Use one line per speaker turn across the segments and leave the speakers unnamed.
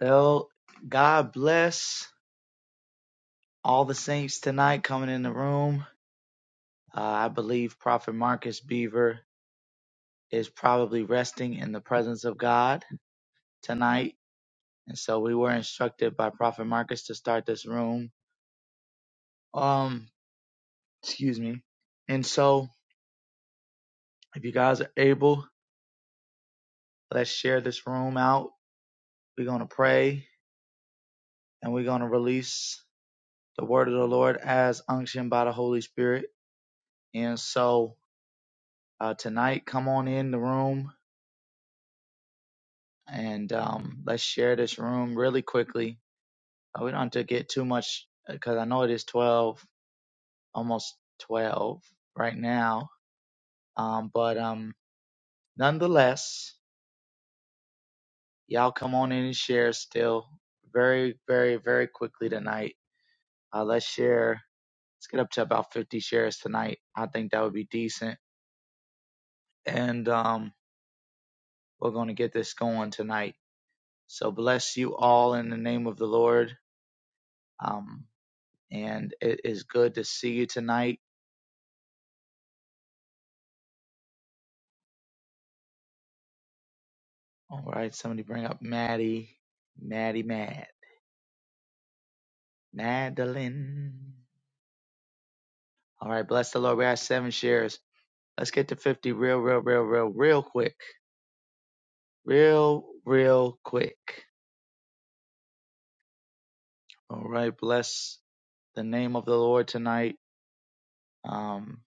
Well, God bless all the saints tonight coming in the room. Uh, I believe Prophet Marcus Beaver is probably resting in the presence of God tonight. And so we were instructed by Prophet Marcus to start this room. Um, excuse me. And so if you guys are able, let's share this room out. We're going to pray and we're going to release the word of the Lord as unction by the Holy Spirit. And so uh, tonight, come on in the room and um, let's share this room really quickly. Uh, We don't have to get too much because I know it is 12, almost 12 right now. Um, but um, nonetheless, y'all come on in and share still very, very, very quickly tonight. Uh, let's share. Let's get up to about 50 shares tonight. I think that would be decent. And um, we're going to get this going tonight. So bless you all in the name of the Lord. Um, and it is good to see you tonight. All right, somebody bring up Maddie, Maddie, Mad, Madeline. All right, bless the Lord. We have seven shares. Let's get to 50 real, real, real, real, real quick. Real, real quick. All right, bless the name of the Lord tonight. Um,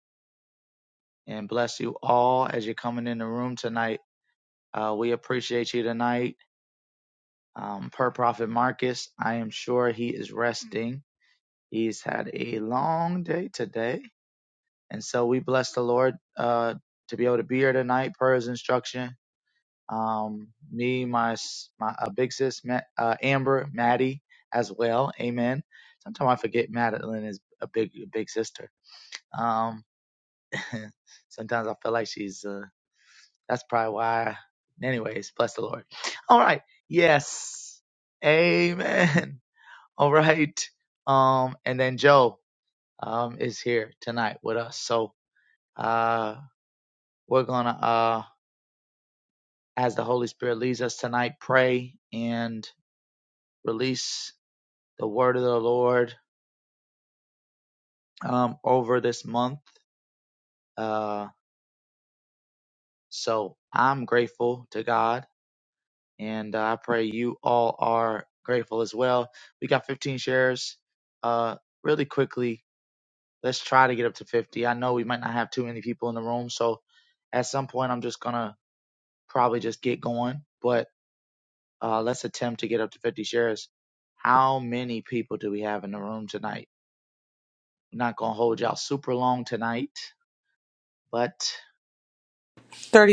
and bless you all as you're coming in the room tonight. Uh, we appreciate you tonight. Um, per Prophet Marcus, I am sure he is resting. He's had a long day today. And so we bless the Lord uh, to be able to be here tonight per his instruction. Um, me, my, s- my uh, big sis, Ma- uh, Amber, Maddie as well. Amen. Sometimes I forget Madeline is a big, big sister. Um, sometimes I feel like she's, uh, that's probably why. Anyways, bless the Lord. All right. Yes. Amen. All right. Um, and then Joe. um, is here tonight with us. So uh, we're going to, uh, as the Holy Spirit leads us tonight, pray and release the word of the Lord um, over this month. Uh, so I'm grateful to God, and I pray you all are grateful as well. We got 15 shares. Uh, really quickly, let's try to get up to 50. I know we might not have too many people in the room, so at some point I'm just going to probably just get going. But Uh, let's attempt to get up to 50 shares. How many people do we have in the room tonight? I'm not going to hold y'all super long tonight, but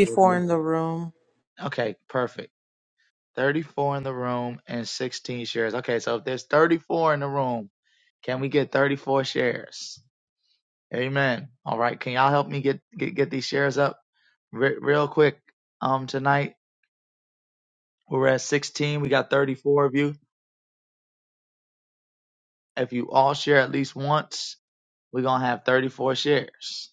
we're going
in the
to.
room.
Okay, perfect. 34 in the room and 16 shares. Okay, so if there's 34 in the room, can we get 34 shares? Amen. All right. Can y'all help me get get, get these shares up re- real quick? Um, tonight we're at 16. We got 34 of you. If you all share at least once, we're gonna have 34 shares.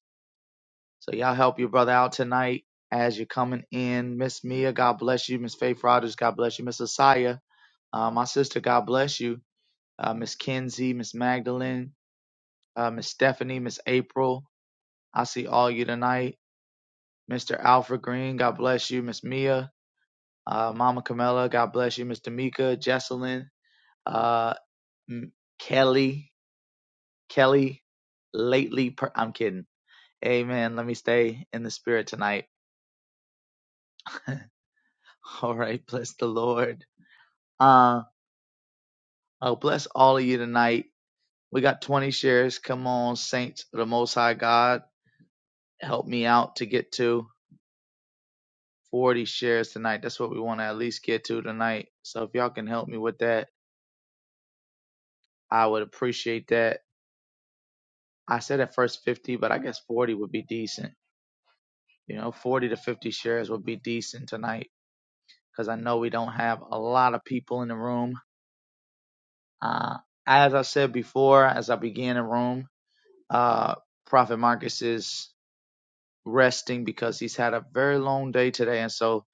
So y'all help your brother out tonight as you're coming in. Miss Mia, God bless you. Miss Faith Rogers, God bless you. Miss Asaya, uh, my sister, God bless you. Uh, Miss Kenzie, Miss Magdalene, uh, Miss Stephanie, Miss April. I see all you tonight. Mr. Alfred Green, God bless you. Miss Mia, uh, Mama Camilla, God bless you. Miss Tamika, Jesselyn, uh, M- Kelly, Kelly, lately, per- I'm kidding. Amen. Let me stay in the spirit tonight. All right, bless the Lord. Uh, will bless all of you tonight. We got 20 shares. Come on, saints of the Most High God, help me out to get to 40 shares tonight. That's what we want to at least get to tonight. So if y'all can help me with that, I would appreciate that. I said at first 50, but I guess 40 would be decent. You know, 40 to 50 shares would be decent tonight because I know we don't have a lot of people in the room. Uh, as I said before, as I began the room, uh, Prophet Marcus is resting because he's had a very long day today. And so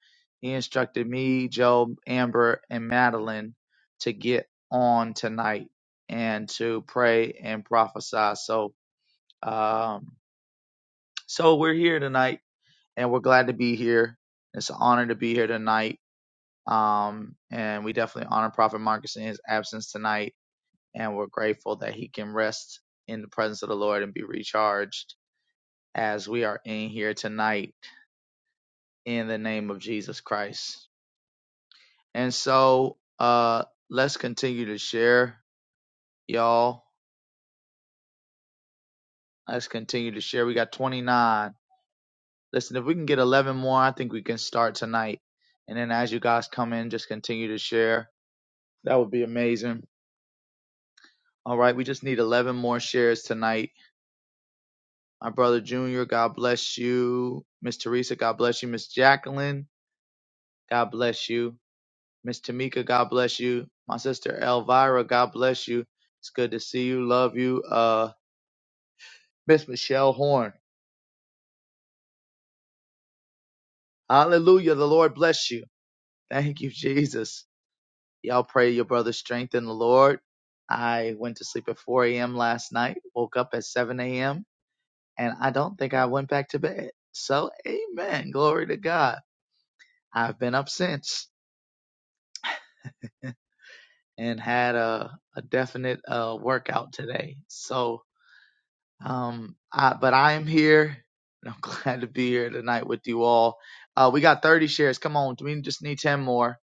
he instructed me, Job, Amber, and Madeline to get on tonight and to pray and prophesy. So, um, so we're here tonight and we're glad to be here. It's an honor to be here tonight. Um, and we definitely honor Prophet Marcus in his absence tonight. And we're grateful that he can rest in the presence of the Lord and be recharged as we are in here tonight in the name of Jesus Christ. And so uh let's continue to share, y'all. Let's continue to share. We got 29. Listen, if we can get 11 more, I think we can start tonight. And then as you guys come in, just continue to share. That would be amazing. All right, we just need 11 more shares tonight. My brother Junior, God bless you. Miss Teresa, God bless you. Miss Jacqueline, God bless you. Miss Tamika, God bless you. My sister Elvira, God bless you. It's good to see you. Love you. Uh, Miss Michelle Horn. Hallelujah. The Lord bless you. Thank you, Jesus. Y'all pray your brother's strength in the Lord. I went to sleep at 4 a.m. last night, woke up at 7 a.m., and I don't think I went back to bed. So, amen. Glory to God. I've been up since and had a, a definite uh, workout today. So, Um, I, but I am here, and I'm glad to be here tonight with you all. Uh, we got 30 shares. Come on, we just need 10 more.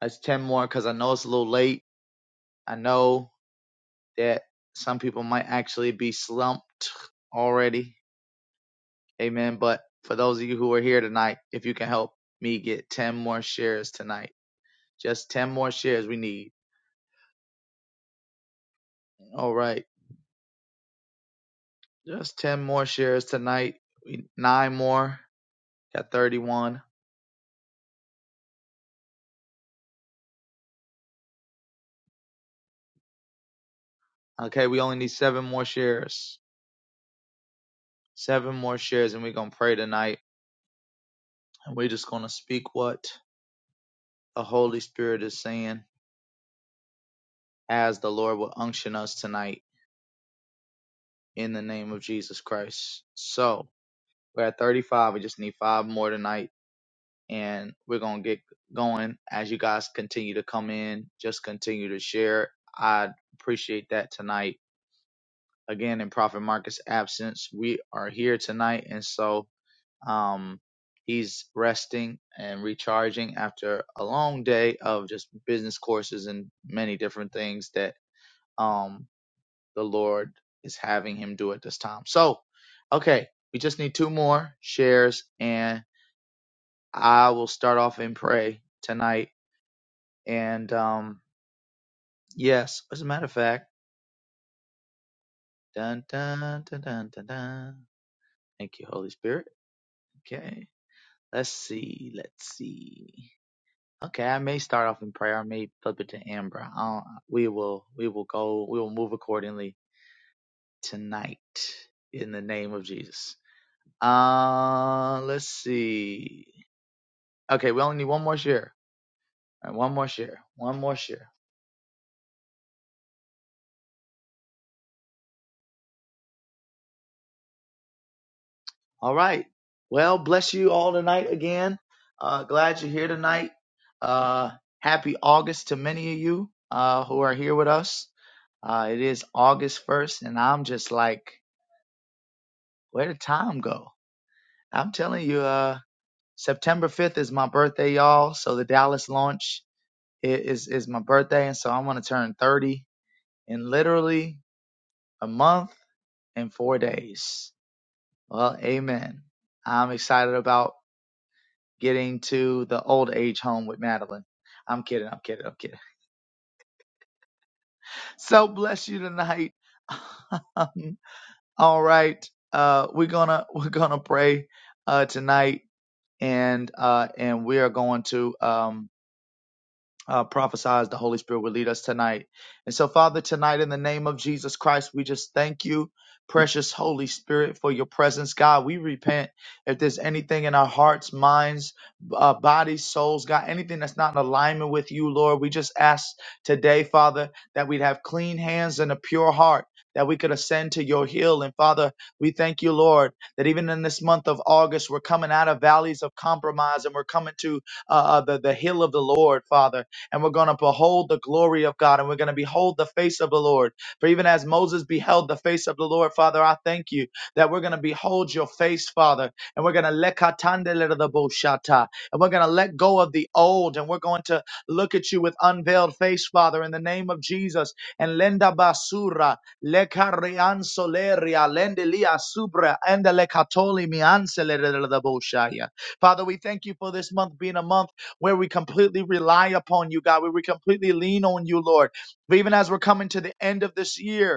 That's 10 more because I know it's a little late. I know that some people might actually be slumped already. Amen. But for those of you who are here tonight, if you can help me get 10 more shares tonight, just 10 more shares we need. All right, just 10 more shares tonight. We, nine more, got 31. Okay, we only need seven more shares seven more shares and we're going to pray tonight and we're just going to speak what the holy spirit is saying as the lord will unction us tonight in the name of jesus christ so we're at 35 we just need five more tonight and we're going to get going as you guys continue to come in just continue to share i appreciate that tonight again in prophet marcus absence we are here tonight and so Um, he's resting and recharging after a long day of just business courses and many different things that um, the Lord is having him do at this time. So, okay, we just need two more shares, and I will start off and pray tonight. And um, yes, as a matter of fact, dun dun dun dun dun dun. Thank you, Holy Spirit. Okay, let's see, let's see. Okay, I may start off in prayer. I may flip it to Amber. I'll, we will, we will go. We will move accordingly tonight in the name of Jesus. Uh, let's see. Okay, we only need one more share. All right, one more share. One more share. All right. Well, bless you all tonight again. Uh, glad you're here tonight. Uh, happy August to many of you uh who are here with us. Uh, it is August first, and I'm just like, where did time go? I'm telling you, uh, September 5th is my birthday, y'all. So the Dallas launch i- is is my birthday, and so I'm gonna turn 30 in literally a month and four days. Well, amen. I'm excited about getting to the old age home with Madeline. I'm kidding. I'm kidding. I'm kidding. So bless you tonight. Um, All right. Uh, we're gonna we're gonna pray uh tonight, and uh and we are going to um uh, prophesies the Holy Spirit would lead us tonight. And so, Father, tonight in the name of Jesus Christ, we just thank you, precious Holy Spirit, for your presence. God, we repent if there's anything in our hearts, minds, uh, bodies, souls, God, anything that's not in alignment with you, Lord. We just ask today, Father, that we'd have clean hands and a pure heart. That we could ascend to your hill. And Father, we thank you, Lord, that even in this month of August, we're coming out of valleys of compromise and we're coming to uh, uh, the, the hill of the Lord, Father and we're going to behold the glory of God and we're going to behold the face of the Lord. For even as Moses beheld the face of the Lord, Father, I thank you that we're going to behold your face, Father, and we're going to let and we're going to let go of the old and we're going to look at you with unveiled face, Father, in the name of Jesus. And lenda basura lekarian soleria lendelia subra and lekatoli mianselere Father, we thank you for this month being a month where we completely rely upon you, God, where we completely lean on you, Lord. But even as we're coming to the end of this year,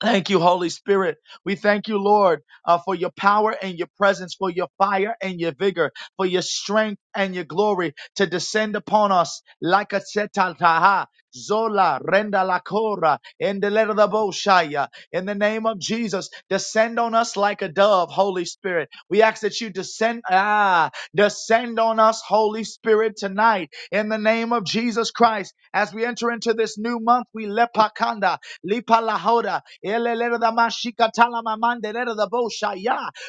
Thank you, Holy Spirit. We thank you, Lord, uh, for your power and your presence, for your fire and your vigor, for your strength and your glory to descend upon us like a setaltaha. Zola, renda la cora, in the letter of the Boshaya. In the name of Jesus, descend on us like a dove, Holy Spirit. We ask that you descend, ah, descend on us, Holy Spirit, tonight. In the name of Jesus Christ, as we enter into this new month, we lepakanda. Lipa lahoda. Ele da mashika tala mamande da bosha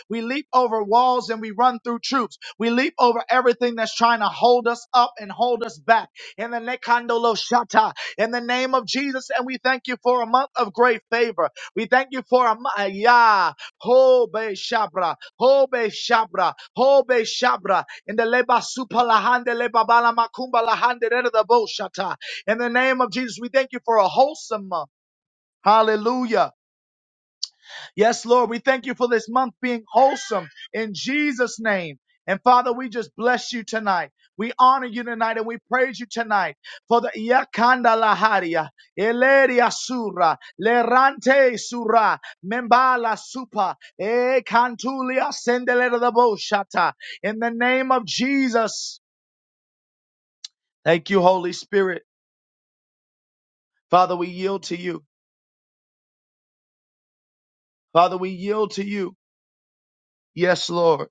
We leap over walls and we run through troops. We leap over everything that's trying to hold us up and hold us back. In the nekando shata. In the name of Jesus, and we thank you for a month of great favor. We thank you for a month. Ya. Hobe shabra. Hobe shabra. Hobe shabra. In the leba supa leba bala makumba lahande lera da bosha In the name of Jesus, we thank you for a wholesome month. Hallelujah. Yes, Lord, we thank you for this month being wholesome in Jesus' name. And Father, we just bless you tonight. We honor you tonight and we praise you tonight for the Yakanda Laharia, Eleria Sura, Lerante Sura, Membala Supa, E Cantulia Sendelera the Boshata. In the name of Jesus. Thank you, Holy Spirit. Father, we yield to you. Father, we yield to you. Yes, Lord.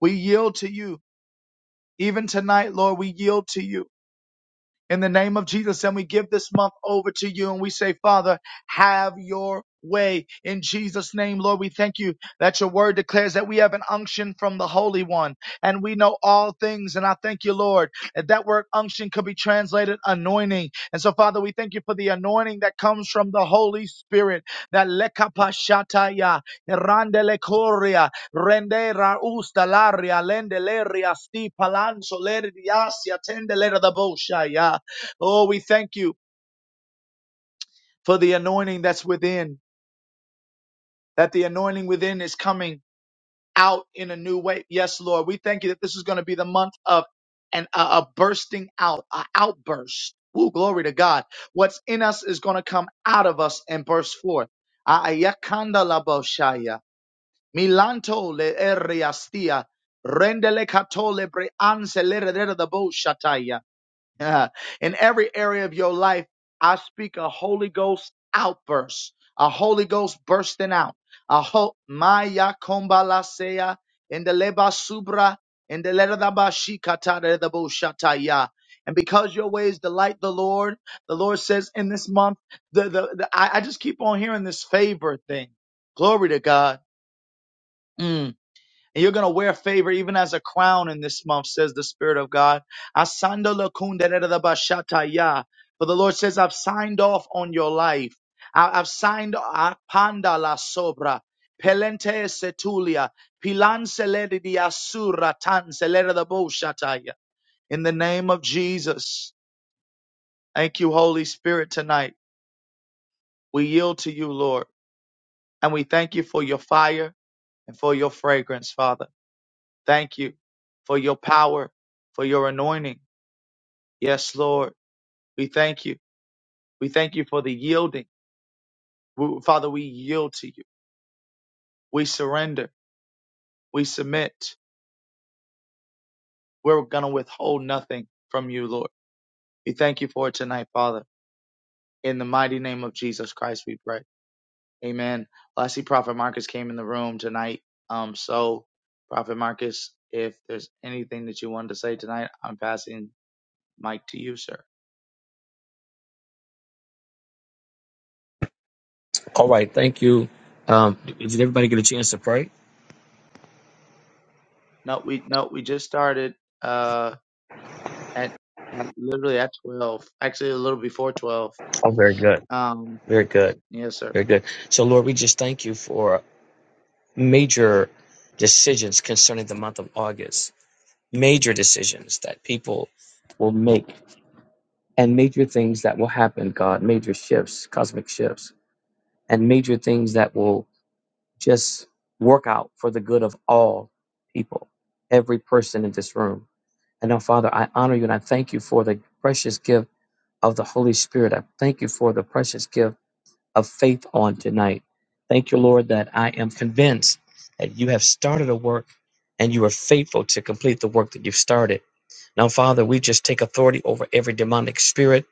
We yield to you. Even tonight, Lord, we yield to you in the name of Jesus. And we give this month over to you and we say, Father, have your way in Jesus' name, Lord. We thank you that your word declares that we have an unction from the Holy One and we know all things. And I thank you, Lord, that that word unction could be translated anointing. And so, Father, we thank you for the anointing that comes from the Holy Spirit. That lekapashataya, randelekoria, rendera ustalaria, lendeleria, sti palanso, leridiasia, tendelera da boshaya. Oh, we thank you for the anointing that's within, that the anointing within is coming out in a new way. Yes, Lord. We thank you that this is going to be the month of an, a, a bursting out, an outburst. Ooh, glory to God. What's in us is going to come out of us and burst forth. Ayakanda la boshaya. Milanto le eriastia. Rendele katole bre le redere de boshataya. Uh, in every area of your life, I speak a Holy Ghost outburst, a Holy Ghost bursting out. A ho- Maya kombalasea in the leba subra in the leradaba shikata redabo shataya. And because your ways delight the Lord, the Lord says in this month, the, the, the I, I just keep on hearing this favor thing. Glory to God. Mm. And you're going to wear favor even as a crown in this month, says the Spirit of God. Asando lakunderedabashataya. For the Lord says, I've signed off on your life. I- I've signed ah, panda la sobra. Pelente setulia. Pilan selede di asura tan selede da boshataya. In the name of Jesus, thank you, Holy Spirit, tonight. We yield to you, Lord. And we thank you for your fire and for your fragrance, Father. Thank you for your power, for your anointing. Yes, Lord. We thank you. We thank you for the yielding. We- Father, we yield to you. We surrender. We submit. We're going to withhold nothing from you, Lord. We thank you for it tonight, Father. In the mighty name of Jesus Christ, we pray. Amen. Well, I see Prophet Marcus came in the room tonight. Um, so Prophet Marcus, if there's anything that you wanted to say tonight, I'm passing mic to you, sir.
All right, thank you. Um, did everybody get a chance to pray?
No, we no, we just started. uh, at, at literally at 12, actually a little before 12.
Oh, very good,
Um,
very good,
yes, sir.
very good. So, Lord, we just thank you for major decisions concerning the month of August, major decisions that people will make, and major things that will happen, God, major shifts, cosmic shifts, and major things that will just work out for the good of all people, every person in this room. And now, Father, I honor you and I thank you for the precious gift of the Holy Spirit. I thank you for the precious gift of faith on tonight. Thank you, Lord, that I am convinced that you have started a work and you are faithful to complete the work that you've started. Now, Father, we just take authority over every demonic spirit,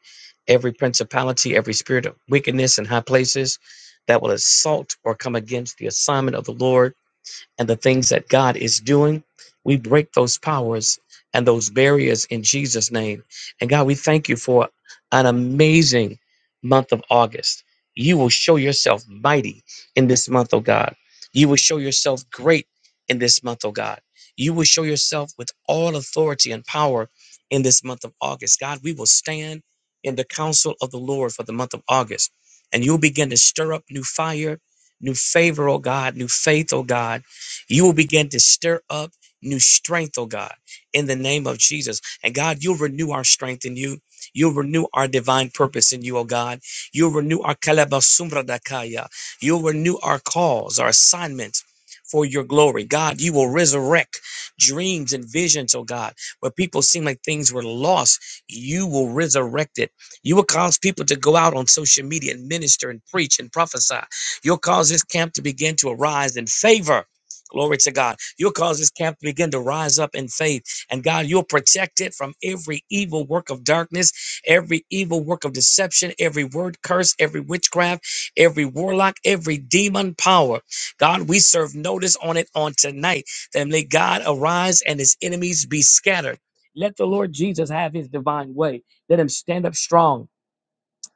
every principality, every spirit of wickedness in high places that will assault or come against the assignment of the Lord and the things that God is doing. We break those powers and those barriers in Jesus' name. And God, we thank you for an amazing month of August. You will show yourself mighty in this month, oh God. You will show yourself great in this month, oh God. You will show yourself with all authority and power in this month of August. God, we will stand in the counsel of the Lord for the month of August. And you'll begin to stir up new fire, new favor, oh God, new faith, oh God you will begin to stir up new strength, oh God, in the name of Jesus. And God, you'll renew our strength in you. You'll renew our divine purpose in you, oh God. You'll renew our kalabasumradakaya. You'll renew our calls, our assignments for your glory. God, you will resurrect dreams and visions, oh God, where people seem like things were lost. You will resurrect it. You will cause people to go out on social media and minister and preach and prophesy. You'll cause this camp to begin to arise in favor Glory to God. You'll cause this camp to begin to rise up in faith. And God, you'll protect it from every evil work of darkness, every evil work of deception, every word curse, every witchcraft, every warlock, every demon power. God, we serve notice on it on tonight that may God arise and his enemies be scattered. Let the Lord Jesus have his divine way. Let him stand up strong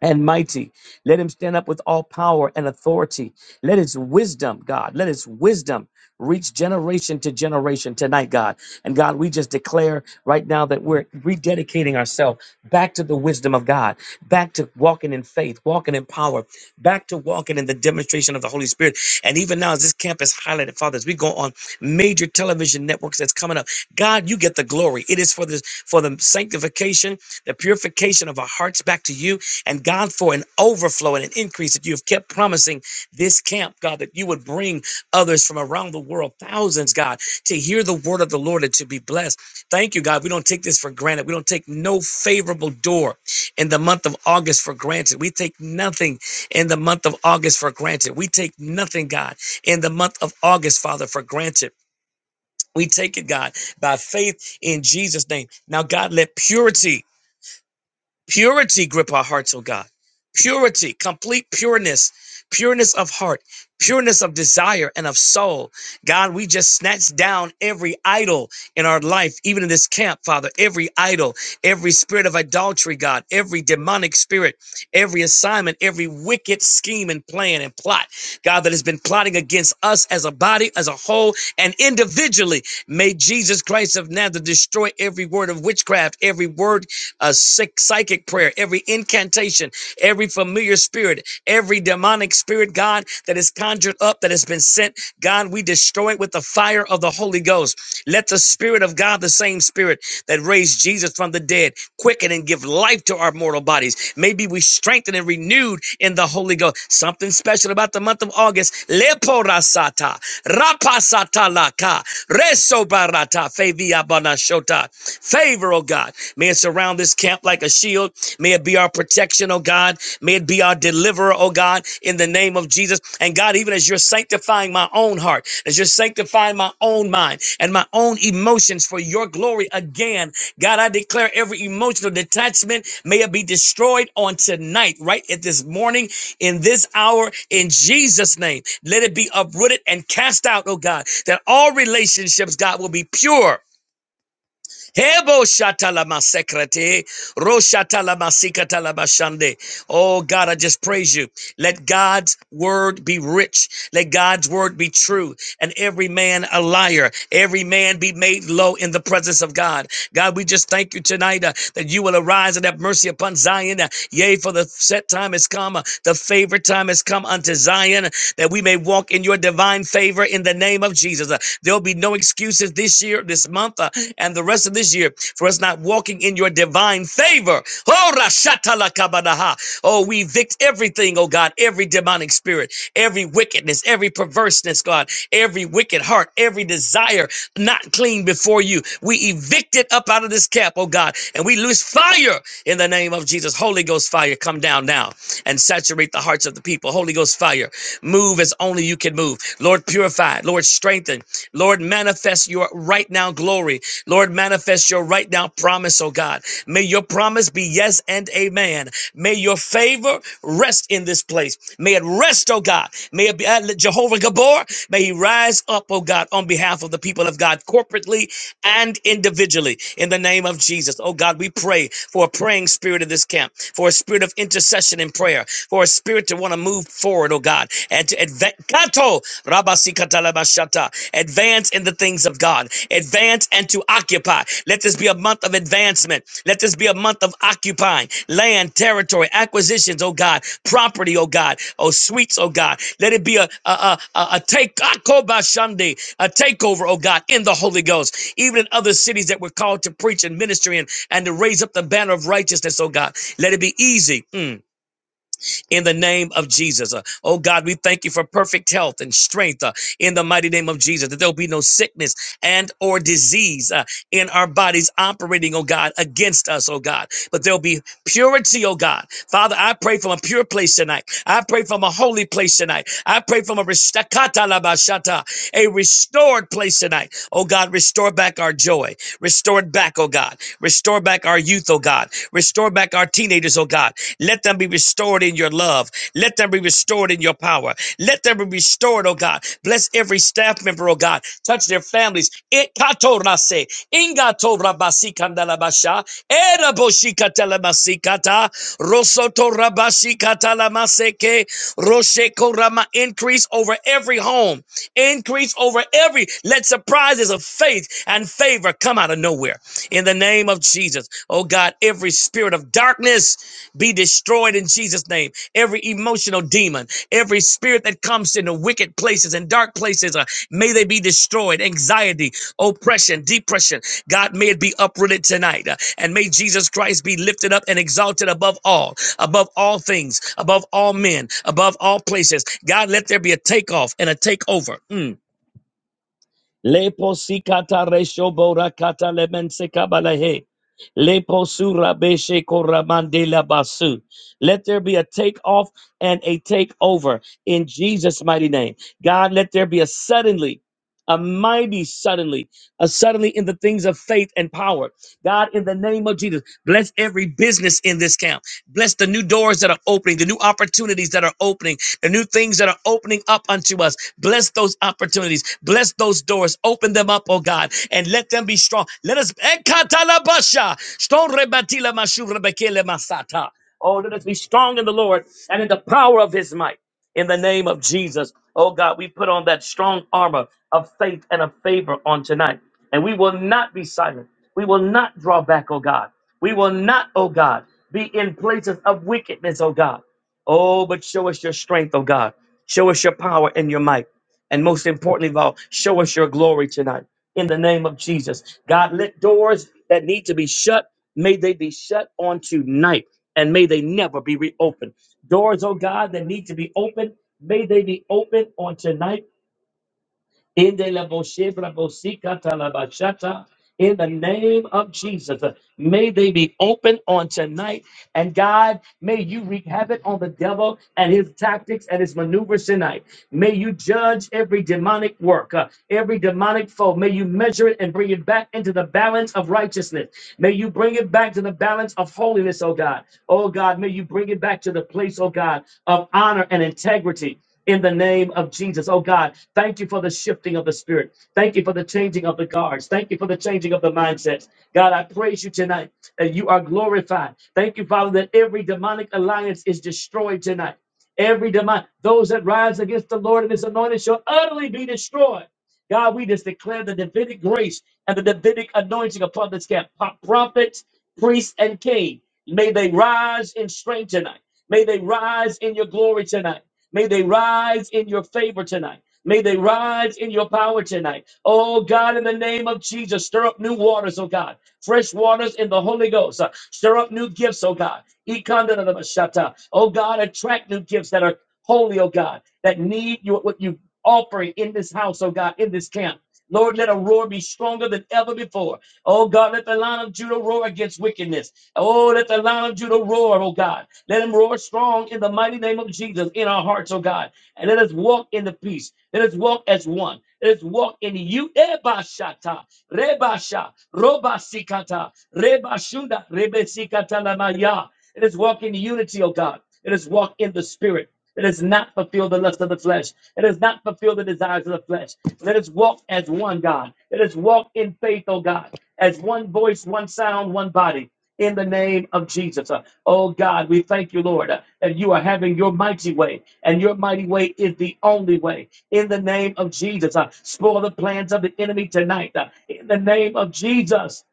and mighty. Let him stand up with all power and authority. Let his wisdom, God, let his wisdom reach generation to generation tonight, God. And God, we just declare right now that we're rededicating ourselves back to the wisdom of God, back to walking in faith, walking in power, back to walking in the demonstration of the Holy Spirit. And even now, as this camp is highlighted, Father, as we go on major television networks that's coming up, God, you get the glory. It is for this for the sanctification, the purification of our hearts back to you and God, for an overflow and an increase that you have kept promising this camp, God, that you would bring others from around the world, thousands, God, to hear the word of the Lord and to be blessed. Thank you, God. We don't take this for granted. We don't take no favorable door in the month of August for granted. We take nothing in the month of August for granted. We take nothing, God, in the month of August, Father, for granted. We take it, God, by faith in Jesus' name. Now, God, let purity Purity grip our hearts, oh God. Purity, complete pureness, pureness of heart, pureness of desire and of soul. God, we just snatch down every idol in our life, even in this camp, Father, every idol, every spirit of idolatry, God, every demonic spirit, every assignment, every wicked scheme and plan and plot, God, that has been plotting against us as a body, as a whole, and individually. May Jesus Christ of Nazareth destroy every word of witchcraft, every word a sick psychic prayer, every incantation, every familiar spirit, every demonic spirit, God, that is conjured up, that has been sent, God, we destroy it with the fire of the Holy Ghost. Let the Spirit of God, the same Spirit, that raised Jesus from the dead, quicken and give life to our mortal bodies. Maybe we strengthened and renewed in the Holy Ghost. Something special about the month of August. Leporasata, rapasata laka, resobarata, feviabanashota. Favor, oh God. May it surround this camp like a shield. May it be our protection, oh God. May it be our deliverer, oh God in the name of Jesus. And God, even as you're sanctifying my own heart, as you're sanctifying my own mind and my own emotions for your glory again, God, I declare every emotional detachment may it be destroyed on tonight, right at this morning, in this hour, in Jesus' name. Let it be uprooted and cast out, oh God, that all relationships, God, will be pure Hebo shatalama sekrete, roshatalama sikatalama shande. Oh God, I just praise you. Let God's word be rich. Let God's word be true. And every man a liar. Every man be made low in the presence of God. God, we just thank you tonight uh, that you will arise and have mercy upon Zion. Uh, yea, for the set time has come. uh, The favor time has come unto Zion that we may walk in your divine favor in the name of Jesus. Uh, There'll be no excuses this year, this month, uh, and the rest of this year for us not walking in your divine favor. Oh, rashatalakabadaha. Oh, we evict everything, oh God, every demonic spirit, every wickedness, every perverseness, God, every wicked heart, every desire not clean before you. We evict it up out of this camp, oh God, and we lose fire in the name of Jesus. Holy Ghost fire, come down now and saturate the hearts of the people. Holy Ghost fire, move as only you can move. Lord, purify. Lord, strengthen. Lord, manifest your right now glory. Lord, manifest your right now promise, oh God. May your promise be yes and amen. May your faith favor rest in this place. May it rest, oh God. May it be uh, Jehovah Gabor. May he rise up, oh God, on behalf of the people of God, corporately and individually, in the name of Jesus. Oh God, we pray for a praying spirit in this camp, for a spirit of intercession and prayer, for a spirit to want to move forward, oh God, and to advance, advance in the things things of God. Advance and to occupy. Let this be a month of advancement. Let this be a month of occupying land, territory, acquisitions, oh God, property, oh God, oh sweets, oh God. Let it be a a a, a, a take Akoba Shande, a takeover, oh God, in the Holy Ghost. Even in other cities that we're called to preach and ministry in and to raise up the banner of righteousness, oh God. Let it be easy. Mm in the name of Jesus. Uh, Oh God, we thank you for perfect health and strength uh, in the mighty name of Jesus. That there'll be no sickness and or disease uh, in our bodies operating, oh God, against us, oh God. But there'll be purity, oh God. Father, I pray from a pure place tonight. I pray from a holy place tonight. I pray from a restakata labashata, a restored place tonight. Oh God, restore back our joy. Restored back, oh God oh God. Restore back our youth, oh God. Restore back our teenagers, oh God. Let them be restored in your love. Let them be restored in your power. Let them be restored, oh God. Bless every staff member, oh God. Touch their families. It kato rase, ingato rabasi kandalabasha, eraboshi katalamasi kata, rosoto rabashi katalamase ke, roshe korama increase over every home increase over every. Let surprises of faith and favor come out of nowhere in the name of Jesus. Oh God, every spirit of darkness be destroyed in Jesus' name. Every emotional demon, every spirit that comes into wicked places and dark places, uh, may they be destroyed. Anxiety, oppression, depression, God, may it be uprooted tonight. uh, and may Jesus Christ be lifted up and exalted above all, above all things, above all men, above all places. God, let there be a takeoff and a takeover. Mm. Lepo sikata resho bora kata lemense kabalahe. Lepo sura beshe koramande la basu. Let there be a takeoff and a takeover in Jesus' mighty name. God, let there be a suddenly, a mighty suddenly uh, suddenly in the things of faith and power. God, in the name of Jesus, bless every business in this camp. Bless the new doors that are opening, the new opportunities that are opening, the new things that are opening up unto us. Bless those opportunities. Bless those doors. Open them up, oh God, and let them be strong. Let us. Ekatalabasha, stonrebatila mashurebekele masata. Oh, let us be strong in the Lord and in the power of his might in the name of Jesus. Oh God, we put on that strong armor of faith and of favor on tonight. And we will not be silent. We will not draw back, oh God. We will not, oh God, be in places of wickedness, oh God. Oh, but show us your strength, oh God. Show us your power and your might. And most importantly of all, show us your glory tonight in the name of Jesus. God, let doors that need to be shut, may they be shut on tonight and may they never be reopened. Doors, oh God, that need to be opened, may they be opened on tonight in the la boshe bra bosika ta la bashata. In the name of Jesus, uh, may they be open on tonight. And God, may you wreak havoc on the devil and his tactics and his maneuvers tonight. May you judge every demonic work, uh, every demonic foe. May you measure it and bring it back into the balance of righteousness. May you bring it back to the balance of holiness, oh God. Oh God, may you bring it back to the place, oh God, of honor and integrity in the name of Jesus. Oh God, thank you for the shifting of the spirit. Thank you for the changing of the guards. Thank you for the changing of the mindsets. God, I praise you tonight that you are glorified. Thank you, Father, that every demonic alliance is destroyed tonight. Every demon, those that rise against the Lord and his anointed shall utterly be destroyed. God, we just declare the Davidic grace and the Davidic anointing upon this camp. Pro- Prophets, priests, and king. May they rise in strength tonight. May they rise in your glory tonight. May they rise in your favor tonight. May they rise in your power tonight. Oh God, in the name of Jesus, stir up new waters, oh God. Fresh waters in the Holy Ghost. Uh, stir up new gifts, oh God. Ikandadadabashata. Oh God, attract new gifts that are holy, oh God, that need your, what you offering in this house, oh God, in this camp. Lord, let a roar be stronger than ever before. Oh God, let the line of Judah roar against wickedness. Oh, let the line of Judah roar, oh God. Let him roar strong in the mighty name of Jesus in our hearts, oh God. And let us walk in the peace. Let us walk as one. Let us walk in you. Ebashata, Rebasha, Robasikata, Rebashunda, Rebesikata Lamaya. Let us walk in unity, oh God. Let us walk in the spirit. Let us not fulfill the lust of the flesh. Let us not fulfill the desires of the flesh. Let us walk as one, God. Let us walk in faith, oh God, as one voice, one sound, one body in the name of Jesus. Uh, Oh God, we thank you, Lord, uh, that you are having your mighty way, and your mighty way is the only way. In the name of Jesus, uh, spoil the plans of the enemy tonight. uh, In the name of Jesus.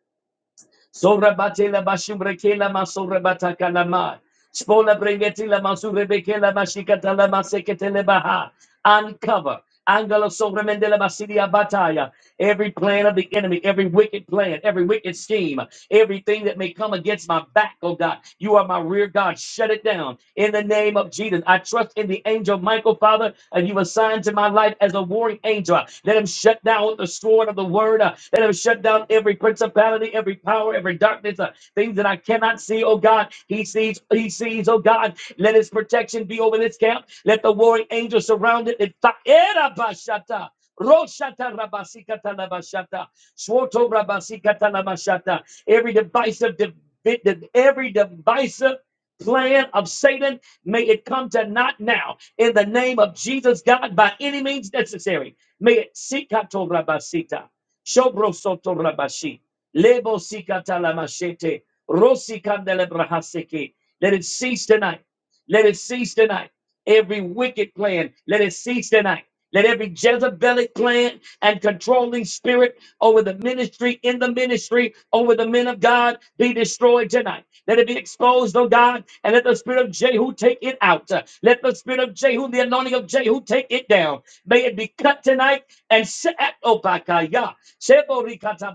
Sorabatela bashubrekela masorabatakalaman. Spola bringetila masurebekela mashikatala maseketele Uncover. Angela Sobremendela Basidia Bataya. Every plan of the enemy, every wicked plan, every wicked scheme, everything that may come against my back, oh God. You are my rear guard. Shut it down in the name of Jesus. I trust in the angel Michael, Father, and you assigned to my life forth as a warring angel. Let him shut down with the sword of the word. uh, Let him shut down every principality, every power, every darkness, uh, things that I cannot see, oh God. He sees, he sees, oh God. Let his protection be over this camp. Let the warring angel surround it. It- ta- roshata rabasikata labashata, swoto rabasikata labashata. Every divisive, de- every divisive plan of Satan May it come to naught now in the name of Jesus, God, by any means necessary. May it sikato rabasita, shobrosoto rabashi, lebo sikata lamashete, rosi brahaseke. Let it cease tonight. Let it cease tonight. Every wicked plan, let it cease tonight let every Jezebelic plan and controlling spirit over the ministry, in the ministry, over the men of God be destroyed tonight. Let it be exposed, oh God, and let the spirit of Jehu take it out. Uh, Let the spirit of Jehu, the anointing of Jehu, take it down. May it be cut tonight and set, oh, bakaya, seborikata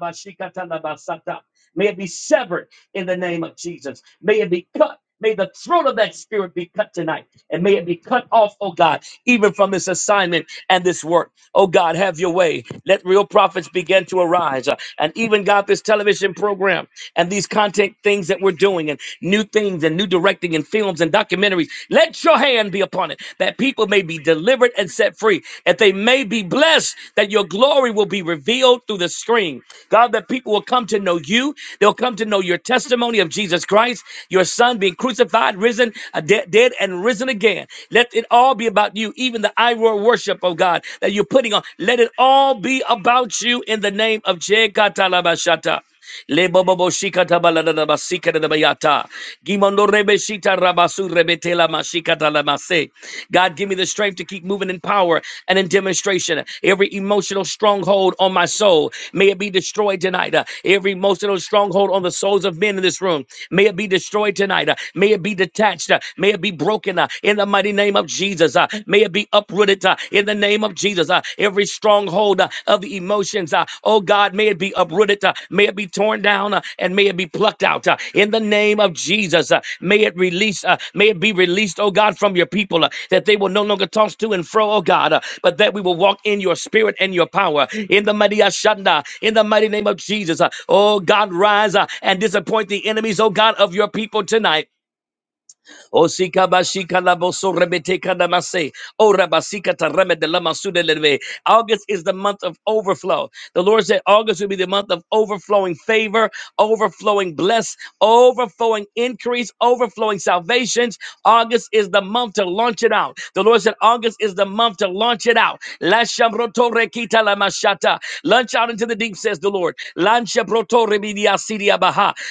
May it be severed in the name of Jesus. May it be cut May the throat of that spirit be cut tonight. And may it be cut off, oh God, even from this assignment and this work. Oh God, have your way. Let real prophets begin to arise. Uh, And even God, this television program and these content things that we're doing and new things and new directing and films and documentaries, let your hand be upon it that people may be delivered and set free, that they may be blessed, that your glory will be revealed through the screen. God, that people will come to know you. They'll come to know your testimony of Jesus Christ, your son being being crucified, risen, uh, dead, dead, and risen again. Let it all be about you, even the Iroh worship of God that you're putting on. Let it all be about you in the name of Jekatalabashata. Le bobo bo shikata baladada basikata da bayata. Gimondo rebe rabasu rebete la mashikata la mase. God, give me the strength to keep moving in power and in demonstration. Every emotional stronghold on my soul, may it be destroyed tonight. Uh, Every emotional stronghold on the souls of men in this room, may it be destroyed tonight. Uh, May it be detached. uh, May it be broken uh, in the mighty name of Jesus. uh, May it be uprooted uh, in the name of Jesus. uh, Every stronghold uh, of the emotions, uh, oh God, may it be uprooted. uh, May it be torn down uh, and may it be plucked out uh, in the name of Jesus. uh, May it release. uh, May it be released, oh God, from your people uh, that they will no longer toss to and fro, oh God, uh, but that we will walk in your spirit and your power in the mighty Ashanda, in the mighty name of Jesus. uh, Oh God, rise uh, and disappoint the enemies, oh God, of your people tonight Osika bashika laboso rebeteka namase. O rabasika tareme de lamasude leve. August is the month of overflow. The Lord said August will be the month of overflowing favor, overflowing bless, overflowing increase, overflowing salvations. August is the month to launch it out. The Lord said August is the month to launch it out. La shamroto rekita Kalamashata. Launch out into the deep, says the Lord.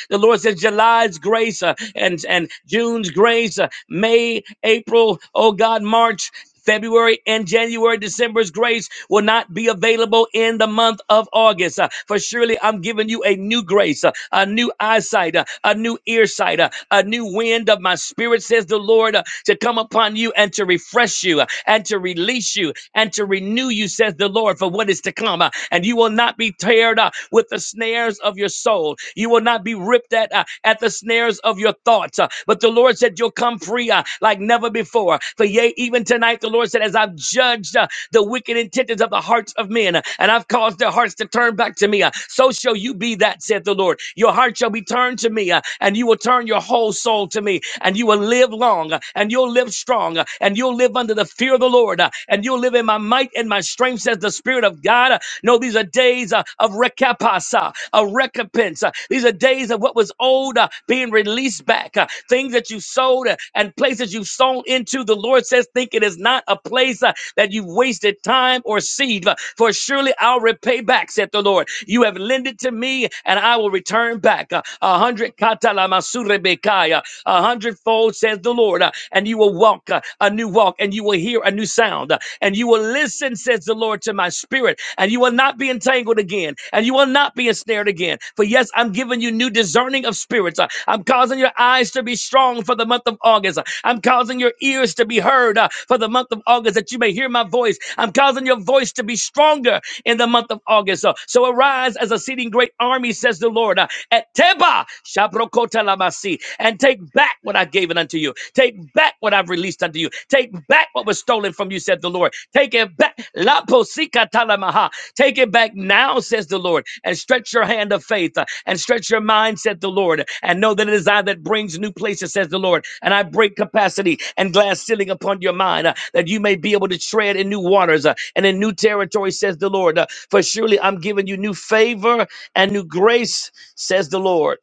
The Lord says July's grace uh, and, and June's grace, uh, May, April, oh God, March. February and January, December's grace will not be available in the month of August. Uh, for surely I'm giving you a new grace, uh, a new eyesight, uh, a new earsight insight, uh, a new wind of my spirit, says the Lord, uh, to come upon you and to refresh you uh, and to release you and to renew you, says the Lord, for what is to come. uh, And you will not be teared up with the snares of your soul. You will not be ripped at, uh, at the snares of your thoughts. uh, But the Lord said, You'll come free uh, like never before. For yea, even tonight, the Lord said, As I've judged uh, the wicked intentions of the hearts of men, and I've caused their hearts to turn back to me. So shall you be that, saith the Lord. Your heart shall be turned to me, uh, and you will turn your whole soul to me, and you will live long, uh, and you'll live strong, uh, and you'll live under the fear of the Lord, uh, and you'll live in my might and my strength, says the Spirit of God. Uh, No, these are days uh, of recapasa, a recompense. Uh, These are days of what was old uh, being released back. Uh, things that you sowed uh, and places you've sown into. The Lord says, think it is not a place uh, that you've wasted time or seed, uh, for surely I'll repay back, said the Lord. You have lended to me, and I will return back uh, a hundred katalamasuribekaya, a hundredfold, says the Lord. uh, And you will walk uh, a new walk, and you will hear a new sound, uh, and you will listen, says the Lord, to my spirit, and you will not be entangled again again, and you will not be ensnared again. For yes, I'm giving you new discerning of spirits. Uh, I'm causing your eyes to be strong for the month of August. Uh, I'm causing your ears to be heard uh, for the month of August that you may hear my voice. I'm causing your voice to be stronger in the month of August. Uh, so arise as a seating great army, says the Lord. Uh, at Teba, Shabrokota Lamasi, and take back what I've given unto you. Take back what I've released unto you. Take back what was stolen from you, said the Lord. Take it back. La posika talamaha. Take it back now, says the Lord, and stretch your hand of faith uh, and stretch your mind, said the Lord, and know that it is I that brings new places, says the Lord. And I break capacity and glass ceiling upon your mind uh, that you may be able to tread in new waters uh, and in new territory, says the Lord. Uh, for surely I'm giving you new favor and new grace, says the Lord.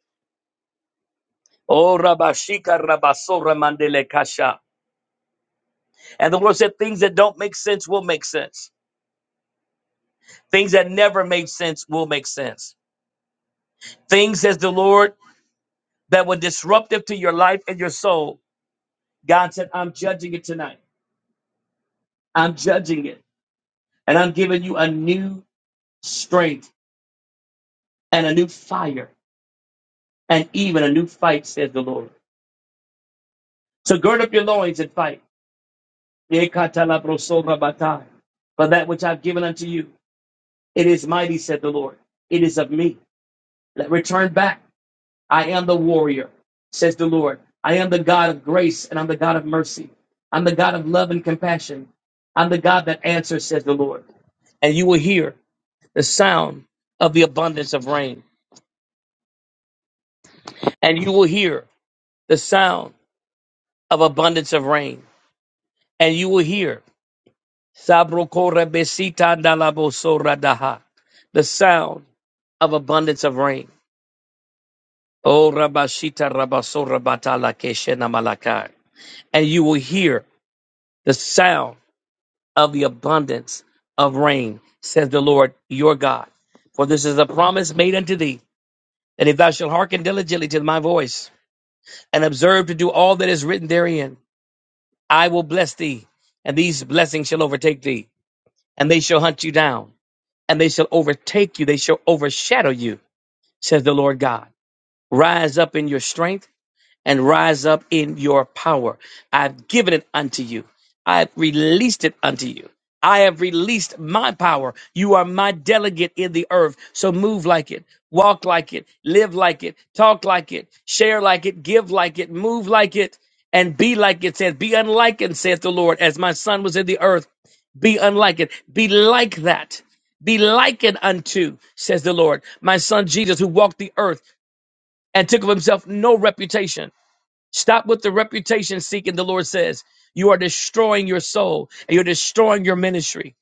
Oh, Rabashika Rabasora Mandele Kasha. And the Lord said, things that don't make sense will make sense. Things that never made sense will make sense. Things, says the Lord, that were disruptive to your life and your soul. God said, I'm judging it tonight. I'm judging it. And I'm giving you a new strength and a new fire and even a new fight, says the Lord. So gird up your loins and fight. For that which I've given unto you, it is mighty, said the Lord. It is of me. Let return back. I am the warrior, says the Lord. I am the God of grace and I'm the God of mercy. I'm the God of love and compassion. I'm the God that answers, says the Lord. And you will hear the sound of the abundance of rain. And you will hear the sound of abundance of rain. And you will hear Sabrokorebesita dalabosoradaha, the sound of abundance of rain. Oh Rabashita Rabasorabata Lakeshena Malakai. And you will hear the sound of the abundance of rain, says the Lord your God. For this is a promise made unto thee, that if thou shalt hearken diligently to my voice, and observe to do all that is written therein, I will bless thee, and these blessings shall overtake thee, and they shall hunt you down, and they shall overtake you, they shall overshadow you, says the Lord God. Rise up in your strength and rise up in your power. I've given it unto you. I've released it unto you. I have released my power. You are my delegate in the earth. So move like it, walk like it, live like it, talk like it, share like it, give like it, move like it, and be like it says, be unlikened, saith the Lord, as my son was in the earth. Be unlikened. Be like that. Be likened unto, says the Lord, my son Jesus, who walked the earth and took of himself no reputation Stop with the reputation seeking, the Lord says. You are destroying your soul and you're destroying your ministry.